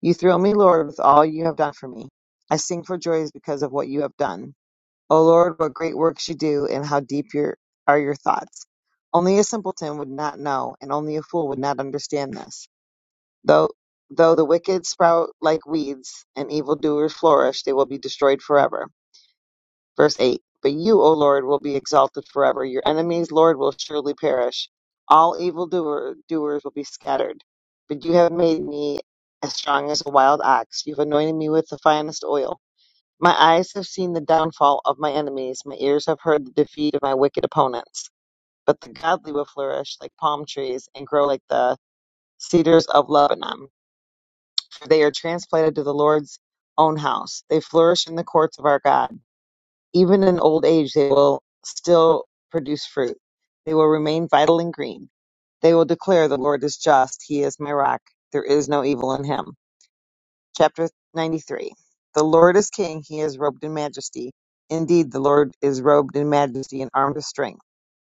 You thrill me, Lord, with all you have done for me. I sing for joys because of what you have done. O Lord, what great works you do, and how deep your, are your thoughts. Only a simpleton would not know, and only a fool would not understand this. Though though the wicked sprout like weeds and evildoers flourish, they will be destroyed forever. Verse eight. But you, O Lord, will be exalted forever. Your enemies, Lord, will surely perish. All evildoer doers will be scattered. But you have made me as strong as a wild ox. You've anointed me with the finest oil. My eyes have seen the downfall of my enemies. My ears have heard the defeat of my wicked opponents. But the godly will flourish like palm trees and grow like the cedars of Lebanon for they are transplanted to the Lord's own house. They flourish in the courts of our God. Even in old age, they will still produce fruit. They will remain vital and green. They will declare, The Lord is just. He is my rock. There is no evil in him. Chapter 93 The Lord is king. He is robed in majesty. Indeed, the Lord is robed in majesty and armed with strength.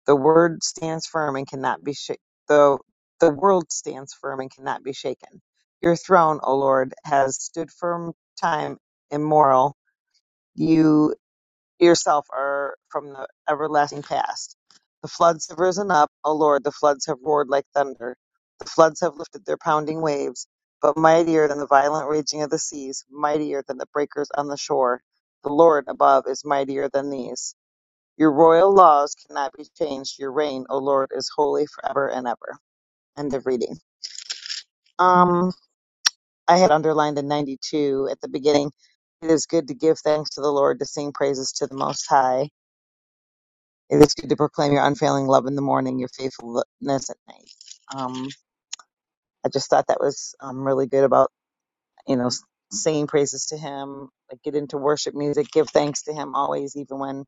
The word stands firm and cannot be shaken. The, the world stands firm and cannot be shaken. Your throne, O Lord, has stood firm time immemorial. You yourself are from the everlasting past. The floods have risen up, O Lord, the floods have roared like thunder. The floods have lifted their pounding waves, but mightier than the violent raging of the seas, mightier than the breakers on the shore. The Lord above is mightier than these. Your royal laws cannot be changed. Your reign, O Lord, is holy forever and ever. End of reading. Um, I had underlined in 92 at the beginning, it is good to give thanks to the Lord, to sing praises to the Most High. It is good to proclaim your unfailing love in the morning, your faithfulness at night. Um, I just thought that was um, really good about, you know, s- singing praises to Him, like get into worship music, give thanks to Him always, even when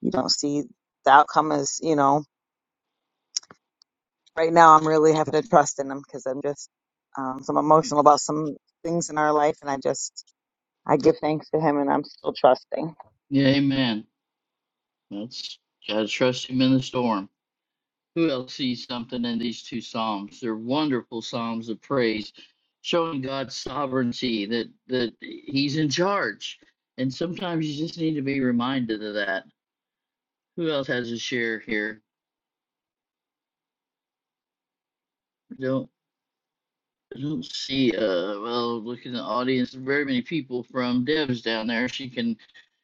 you don't see the outcome as, you know. right now I'm really having to trust in him because I'm just um so I'm emotional about some things in our life and I just I give thanks to him and I'm still trusting.
yeah amen that's gotta trust him in the storm Who else sees something in these two psalms? They're wonderful psalms of praise, showing God's sovereignty that that He's in charge. And sometimes you just need to be reminded of that. Who else has a share here? Don't. I don't see, uh, well, look in the audience, very many people from Dev's down there. She can.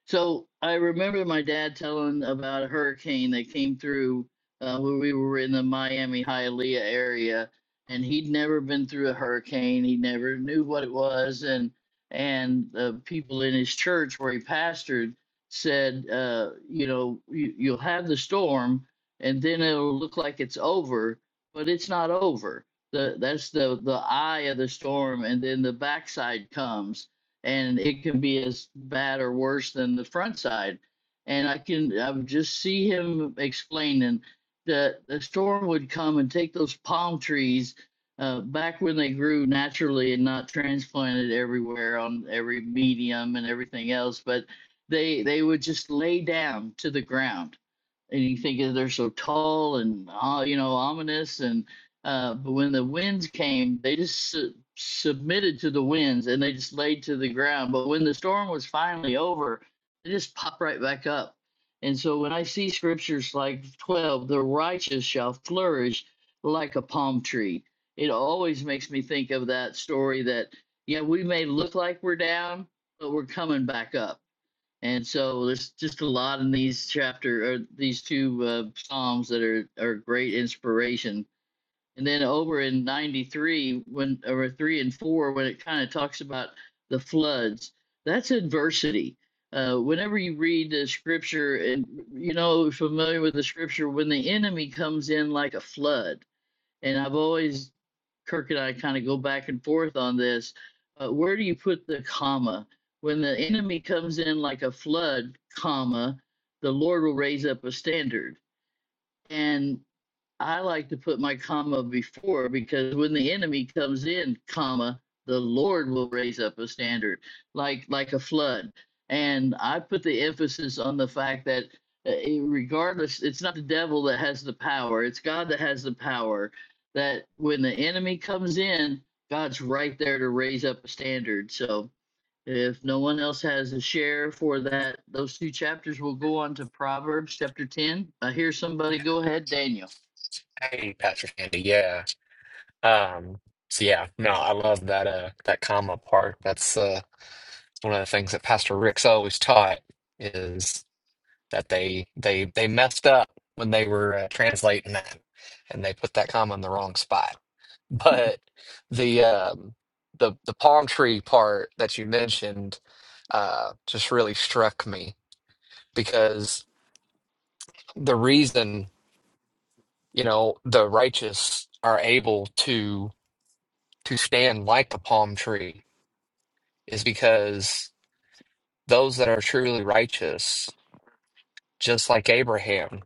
So I remember my dad telling about a hurricane that came through uh, when we were in the Miami Hialeah area, and he'd never been through a hurricane. He never knew what it was, and and the people in his church where he pastored said, uh, you know, you, you'll have the storm, and then it'll look like it's over, but it's not over the that's the the eye of the storm and then the backside comes and it can be as bad or worse than the front side and i can i would just see him explaining that the storm would come and take those palm trees uh, back when they grew naturally and not transplanted everywhere on every medium and everything else but they they would just lay down to the ground and you think they're so tall and uh, you know ominous and uh, but when the winds came they just su- submitted to the winds and they just laid to the ground but when the storm was finally over they just popped right back up and so when i see scriptures like 12 the righteous shall flourish like a palm tree it always makes me think of that story that yeah we may look like we're down but we're coming back up and so there's just a lot in these chapter or these two uh, psalms that are are great inspiration. And then over in 93 when over 3 and 4 when it kind of talks about the floods, that's adversity. Uh, whenever you read the scripture and you know familiar with the scripture when the enemy comes in like a flood and I've always Kirk and I kind of go back and forth on this. Uh, where do you put the comma? When the enemy comes in like a flood, comma, the Lord will raise up a standard. And I like to put my comma before because when the enemy comes in, comma, the Lord will raise up a standard like like a flood. And I put the emphasis on the fact that uh, eh, regardless, it's not the devil that has the power; it's God that has the power. That when the enemy comes in, God's right there to raise up a standard. So if no one else has a share for that, those two chapters will go on to Proverbs chapter ten. I hear somebody. Go ahead, Daniel.
Hey, Pastor Andy, Yeah. Um, so yeah, no, I love that uh that comma part. That's uh one of the things that Pastor Rick's always taught that they they they messed up when they were uh, translating that and they put that comma in the wrong spot but the um the the palm tree part that you mentioned uh just really struck me because the reason you know the righteous are able to to stand like the palm tree is because those that are truly righteous just like Abraham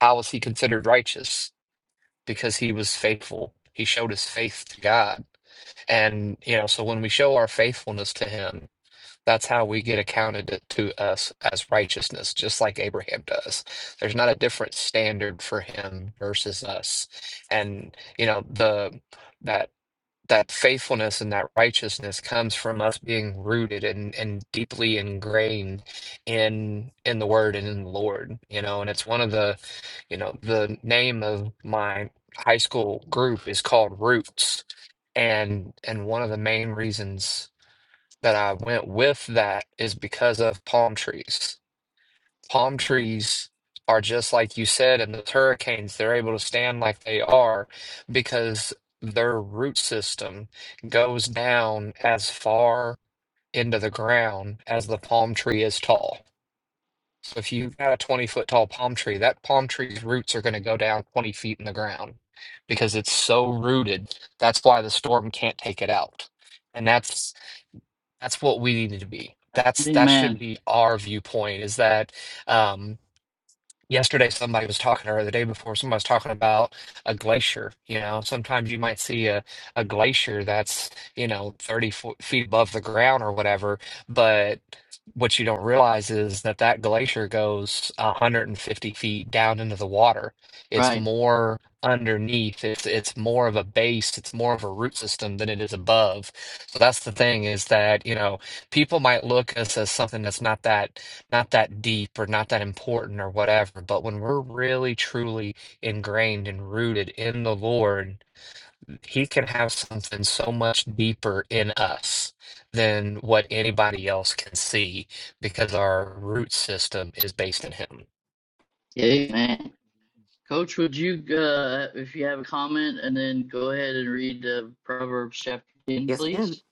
how was he considered righteous because he was faithful. He showed his faith to God. And, you know, so when we show our faithfulness to him, that's how we get accounted to us as righteousness, just like Abraham does. There's not a different standard for him versus us. And, you know, the that that faithfulness and that righteousness comes from us being rooted and and deeply ingrained in in the word and in the Lord, you know, and it's one of the, you know, the name of my high school group is called Roots. And and one of the main reasons that I went with that is because of palm trees palm trees are just like you said, and the hurricanes, they're able to stand like they are because their root system goes down as far into the ground as the palm tree is tall. So if you've got a 20 foot tall palm tree, that palm tree's roots are going to go down 20 feet in the ground because it's so rooted. That's why the storm can't take it out. And that's that's what we need to be. That's that should
Amen.
be our viewpoint is that um yesterday somebody was talking or the day before somebody was talking about a glacier you know sometimes you might see a, a glacier that's you know 30 fo- feet above the ground or whatever but what you don't realize is that that glacier goes 150 feet down into the water it's
Right.
more underneath it's it's more of a base it's more of a root system than it is above so that's the thing is that you know people might look at us as something that's not that not that deep or not that important or whatever. But when we're really truly ingrained and rooted in the Lord, He can have something so much deeper in us than what anybody else can see because our root system is based in Him.
Amen. Coach, would you, uh, if you have a comment, and then go ahead and read uh, Proverbs chapter 10,
Yes, ma'am.
please?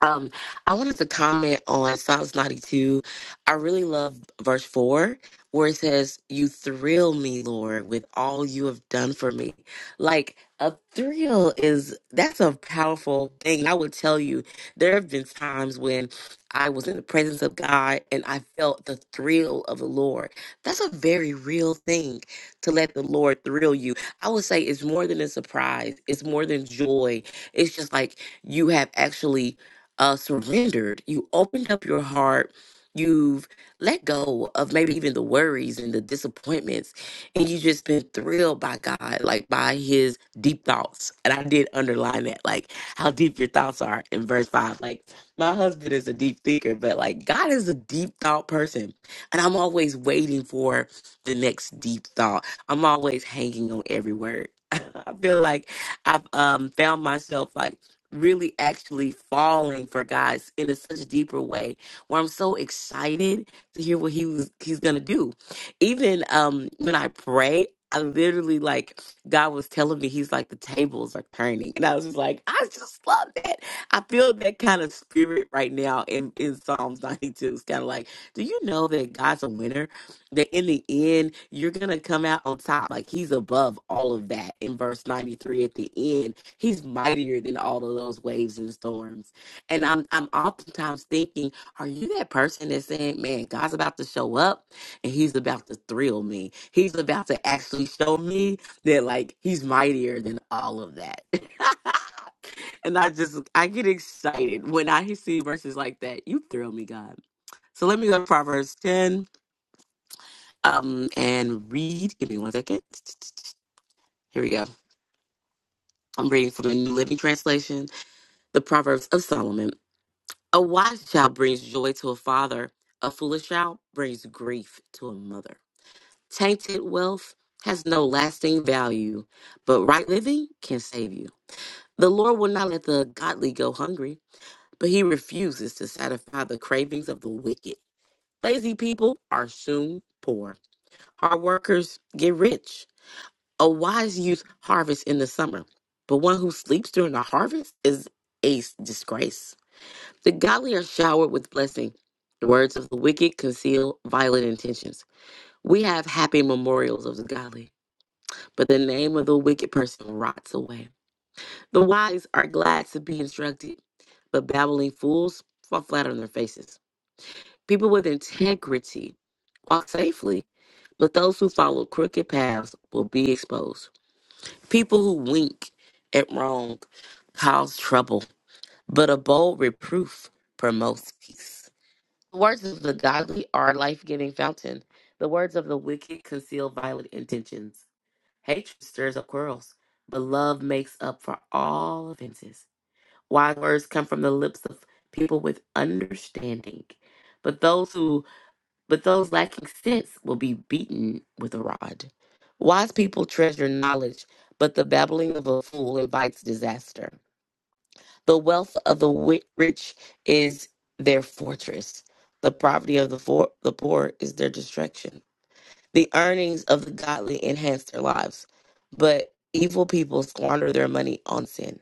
Um, I wanted to comment on Psalms 92. I really love verse 4 where it says, You thrill me, Lord, with all you have done for me. Like a thrill is that's a powerful thing. I would tell you, there have been times when I was in the presence of God and I felt the thrill of the Lord. That's a very real thing to let the Lord thrill you. I would say it's more than a surprise, it's more than joy. It's just like you have actually uh, surrendered, you opened up your heart, you've let go of maybe even the worries and the disappointments, and you just been thrilled by God, like by his deep thoughts. And I did underline that, like how deep your thoughts are in verse five. Like, my husband is a deep thinker, but like God is a deep thought person. And I'm always waiting for the next deep thought. I'm always hanging on every word. I feel like I've um, found myself like really actually falling for God in a such deeper way where I'm so excited to hear what he was he's gonna do. Even um when I pray, I literally like God was telling me he's like the tables are turning. And I was just like, I just love that. I feel that kind of spirit right now in, in Psalms 92. It's kind of like, do you know that God's a winner? that in the end you're gonna come out on top like he's above all of that in verse 93 at the end he's mightier than all of those waves and storms and i'm i'm oftentimes thinking are you that person that's saying man god's about to show up and he's about to thrill me he's about to actually show me that like he's mightier than all of that and i just i get excited when i see verses like that you thrill me god so let me go to proverbs 10 um, and read. Give me one second. Here we go. I'm reading from the New Living Translation, the Proverbs of Solomon. A wise child brings joy to a father, a foolish child brings grief to a mother. Tainted wealth has no lasting value, but right living can save you. The Lord will not let the godly go hungry, but he refuses to satisfy the cravings of the wicked. Lazy people are soon poor. Hard workers get rich. A wise youth harvests in the summer, but one who sleeps during the harvest is a s- disgrace. The godly are showered with blessing. The words of the wicked conceal violent intentions. We have happy memorials of the godly, but the name of the wicked person rots away. The wise are glad to be instructed, but babbling fools fall flat on their faces. People with integrity walk safely, but those who follow crooked paths will be exposed. People who wink at wrong cause trouble, but a bold reproof promotes peace. The words of the godly are a life giving fountain. The words of the wicked conceal violent intentions. Hatred stirs up quarrels, but love makes up for all offenses. Wise words come from the lips of people with understanding, but those who but those lacking sense will be beaten with a rod. Wise people treasure knowledge, but the babbling of a fool invites disaster. The wealth of the wi- rich is their fortress. The poverty of the, for- the poor is their distraction. The earnings of the godly enhance their lives, but evil people squander their money on sin.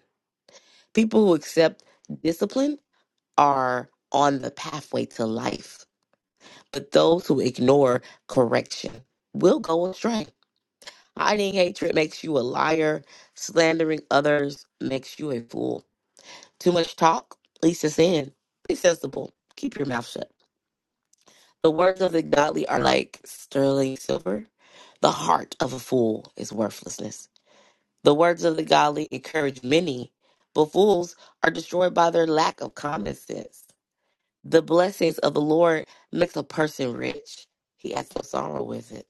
People who accept discipline are on the pathway to life but those who ignore correction will go astray. Hiding hatred makes you a liar. Slandering others makes you a fool. Too much talk leads to sin. Be sensible. Keep your mouth shut. The words of the godly are like sterling silver. The heart of a fool is worthlessness. The words of the godly encourage many, but fools are destroyed by their lack of common sense. The blessings of the Lord makes a person rich. He has no sorrow with it.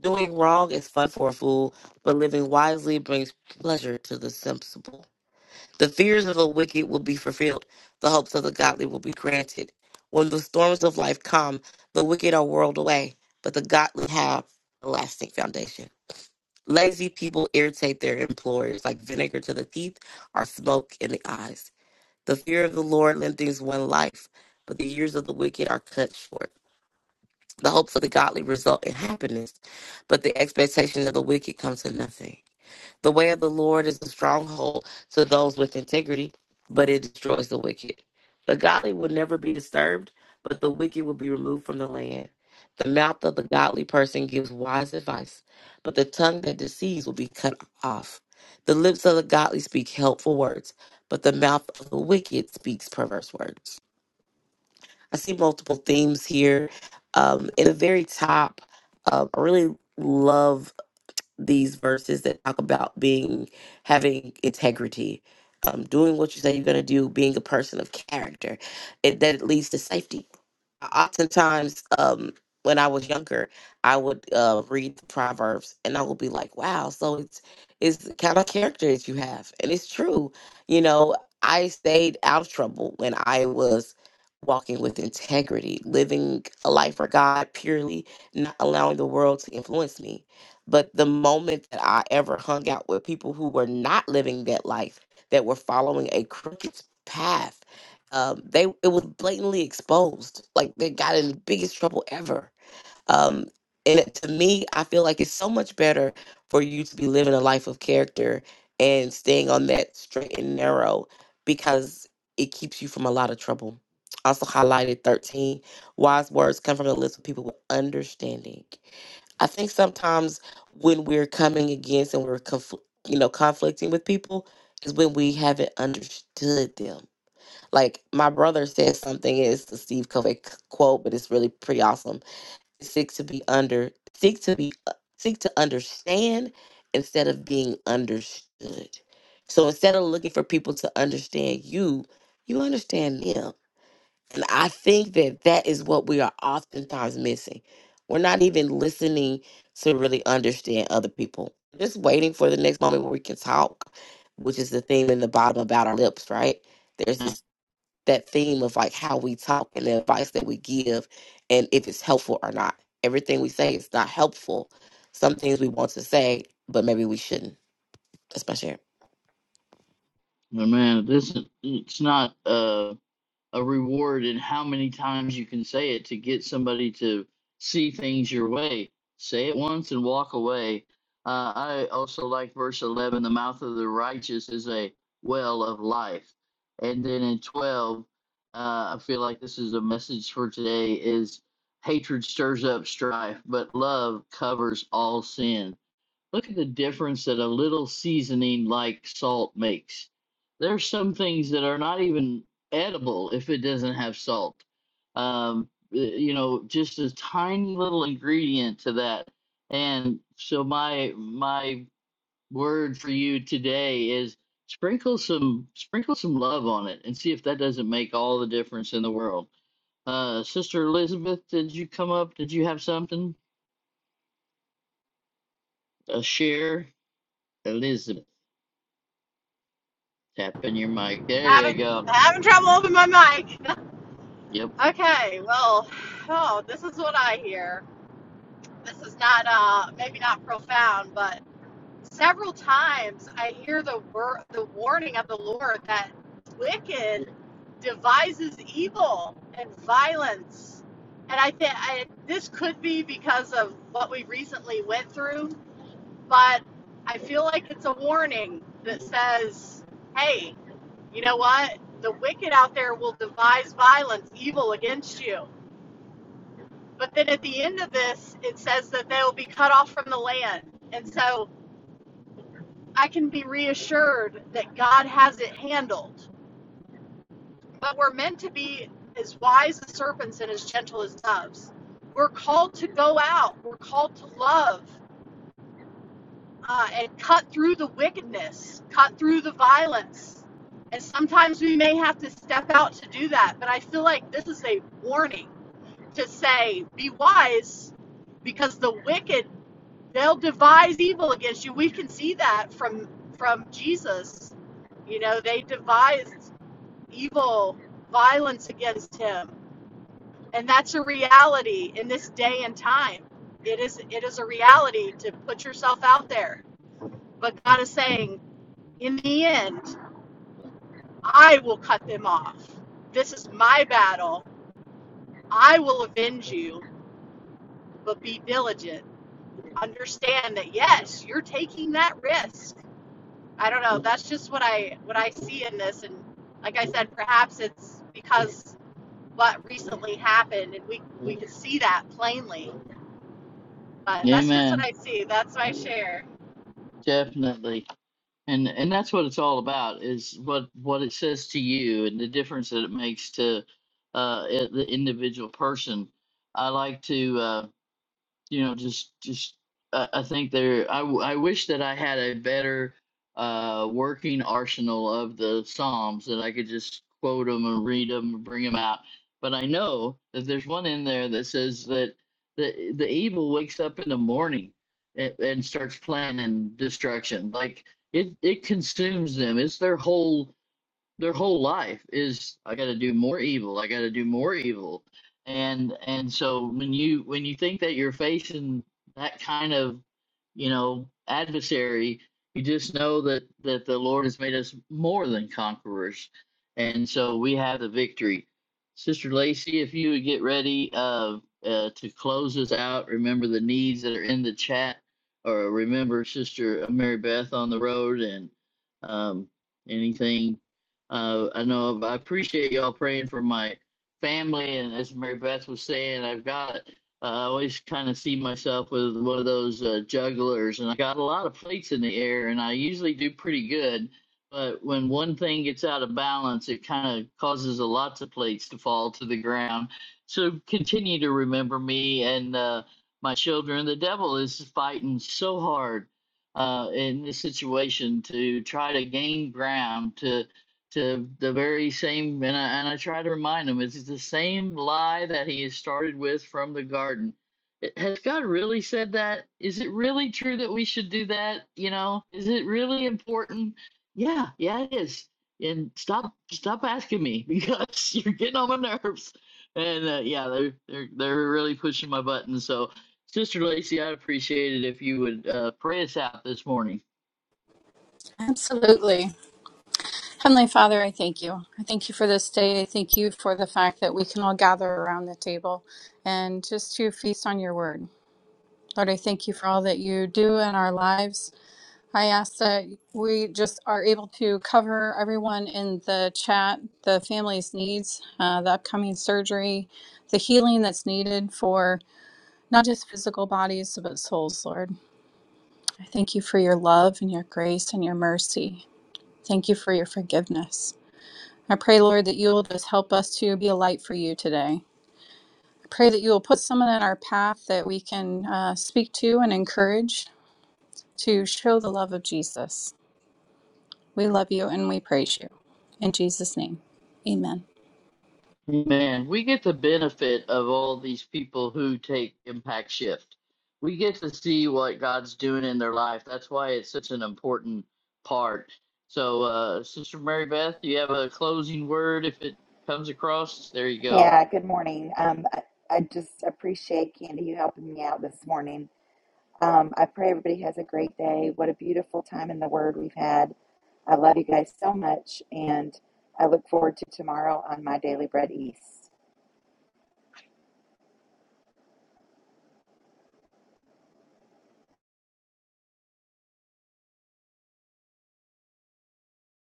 Doing wrong is fun for a fool, but living wisely brings pleasure to the sensible. The fears of the wicked will be fulfilled, the hopes of the godly will be granted. When the storms of life come, the wicked are whirled away, but the godly have a lasting foundation. Lazy people irritate their employers like vinegar to the teeth or smoke in the eyes. The fear of the Lord lengthens one life, but the years of the wicked are cut short. The hopes of the godly result in happiness, but the expectations of the wicked come to nothing. The way of the Lord is a stronghold to those with integrity, but it destroys the wicked. The godly will never be disturbed, but the wicked will be removed from the land. The mouth of the godly person gives wise advice, but the tongue that deceives will be cut off. The lips of the godly speak helpful words, but the mouth of the wicked speaks perverse words. I see multiple themes here. Um, in the very top, um, I really love these verses that talk about being having integrity, um, doing what you say you're going to do, being a person of character, it, that it leads to safety oftentimes um when I was younger, I would uh, read the proverbs, and I would be like, "Wow!" So it's it's the kind of characters you have, and it's true. You know, I stayed out of trouble when I was walking with integrity, living a life for God purely, not allowing the world to influence me. But the moment that I ever hung out with people who were not living that life, that were following a crooked path, um, they it was blatantly exposed. Like they got in the biggest trouble ever. Um, and it- to me, I feel like it's so much better for you to be living a life of character and staying on that straight and narrow because it keeps you from a lot of trouble. Also highlighted 13 wise words come from the lips of people with understanding. I think sometimes when we're coming against and we're confl- you know conflicting with people is when we haven't understood them like my brother said, something is the Steve Covey c- quote, but it's really pretty awesome. Seek to be under, seek to be, seek to understand instead of being understood. So instead of looking for people to understand you, you understand them. And I think that that is what we are oftentimes missing. We're not even listening to really understand other people. Just waiting for the next moment where we can talk, which is the theme in the bottom about our lips, right? There's
Uh,
this that theme of like how we talk and the advice that we give and if it's helpful or not. Everything we say is not helpful. Some things we want to say, but maybe we shouldn't. That's my share.
Amen. This is, it's not. Uh, a reward in how many times you can say it to get somebody to see things your way. Say it once and walk away. Uh, I also like verse 11 the mouth of the righteous is a well of life. And then in 12, uh, I feel like this is a message for today is hatred stirs up strife, but love covers all sin Look at the difference that a little seasoning like salt makes. There's some things that are not even edible if it doesn't have salt. Um, uh, you know, just a tiny little ingredient to that. And so my my word for you today is sprinkle some sprinkle some love on it and see if that doesn't make all the difference in the world. Uh, Sister Elizabeth, did you come up? Did you have something? A share, Elizabeth. Tapping your mic. There you
Having
go.
having trouble opening my mic.
Yep.
Okay, well, oh, this is what I hear. This is not uh maybe not profound, but several times I hear the wor- the warning of the Lord that wicked devises evil and violence. And I think I, this could be because of what we recently went through, but I feel like it's a warning that says, "Hey, you know what? The wicked out there will devise violence, evil against you. But then at the end of this, it says that they'll be cut off from the land. And so I can be reassured that God has it handled. But we're meant to be as wise as serpents and as gentle as doves. We're called to go out, we're called to love uh, and cut through the wickedness, cut through the violence. And sometimes we may have to step out to do that. But I feel like this is a warning to say, be wise, because the wicked, they'll devise evil against you. We can see that from from Jesus. You know, they devised evil, violence against him. And that's a reality in this day and time. It is it is a reality to put yourself out there. But God is saying, in the end, I will cut them off. This is my battle. I will avenge you, but be diligent understand that yes, you're taking that risk. I don't know. That's just what I what I see in this, and like I said, perhaps it's because what recently happened, and we we can see that plainly. But that's just what
Amen.
I see. That's my share.
Definitely. And and that's what it's all about is what what it says to you and the difference that it makes to uh, i- the individual person. I like to. uh, you know just just i, I think there I, w- I wish that i had a better uh working arsenal of the psalms that i could just quote them and read them and bring them out but i know that there's one in there that says that the the evil wakes up in the morning and, and starts planning destruction like it it consumes them it's their whole their whole life is I got to do more evil. I got to do more evil. And and so when you when you think that you're facing that kind of, you know, adversary, you just know that that the Lord has made us more than conquerors. And so we have the victory. Sister Lacey, if you would get ready uh, uh, to close us out, remember the needs that are in the chat, or remember Sister Mary Beth on the road, and um, anything uh, I know I appreciate y'all praying for my family, and as Mary Beth was saying, I've got. Uh, I always kind of see myself with one of those uh, jugglers, and I got a lot of plates in the air, and I usually do pretty good. But when one thing gets out of balance, it kind of causes a lots of plates to fall to the ground. So continue to remember me and uh, my children. The devil is fighting so hard uh, in this situation to try to gain ground to to the very same and I, and I try to remind him it's the same lie that he has started with from the garden It- has god really said that is it really true that we should do that you know is it really important yeah yeah it is and stop stop asking me because you're getting on my nerves and uh, yeah they're, they're they're really pushing my buttons so sister lacey i'd appreciate it if you would uh, pray us out this morning
Absolutely. Heavenly Father, I thank you. I thank you for this day. I thank you for the fact that we can all gather around the table and just to feast on your word. Lord, I thank you for all that you do in our lives. I ask that we just are able to cover everyone in the chat, the family's needs, uh, the upcoming surgery, the healing that's needed for not just physical bodies, but souls, Lord. I thank you for your love and your grace and your mercy. Thank you for your forgiveness. I pray, Lord, that you will just help us to be a light for you today. I pray that you will put someone in our path that we can uh, speak to and encourage to show the love of Jesus. We love you and we praise you. In Jesus' name, amen.
Man, we get the benefit of all these people who take impact shift. We get to see what God's doing in their life. That's why it's such an important part. So, uh, Sister Mary Beth, you have a closing word if it comes across? There you go.
Yeah, good morning. Um, I, I just appreciate Candy you helping me out this morning. Um, I pray everybody has a great day. What a beautiful time in the Word we've had. I love you guys so much, and I look forward to tomorrow on My Daily Bread East.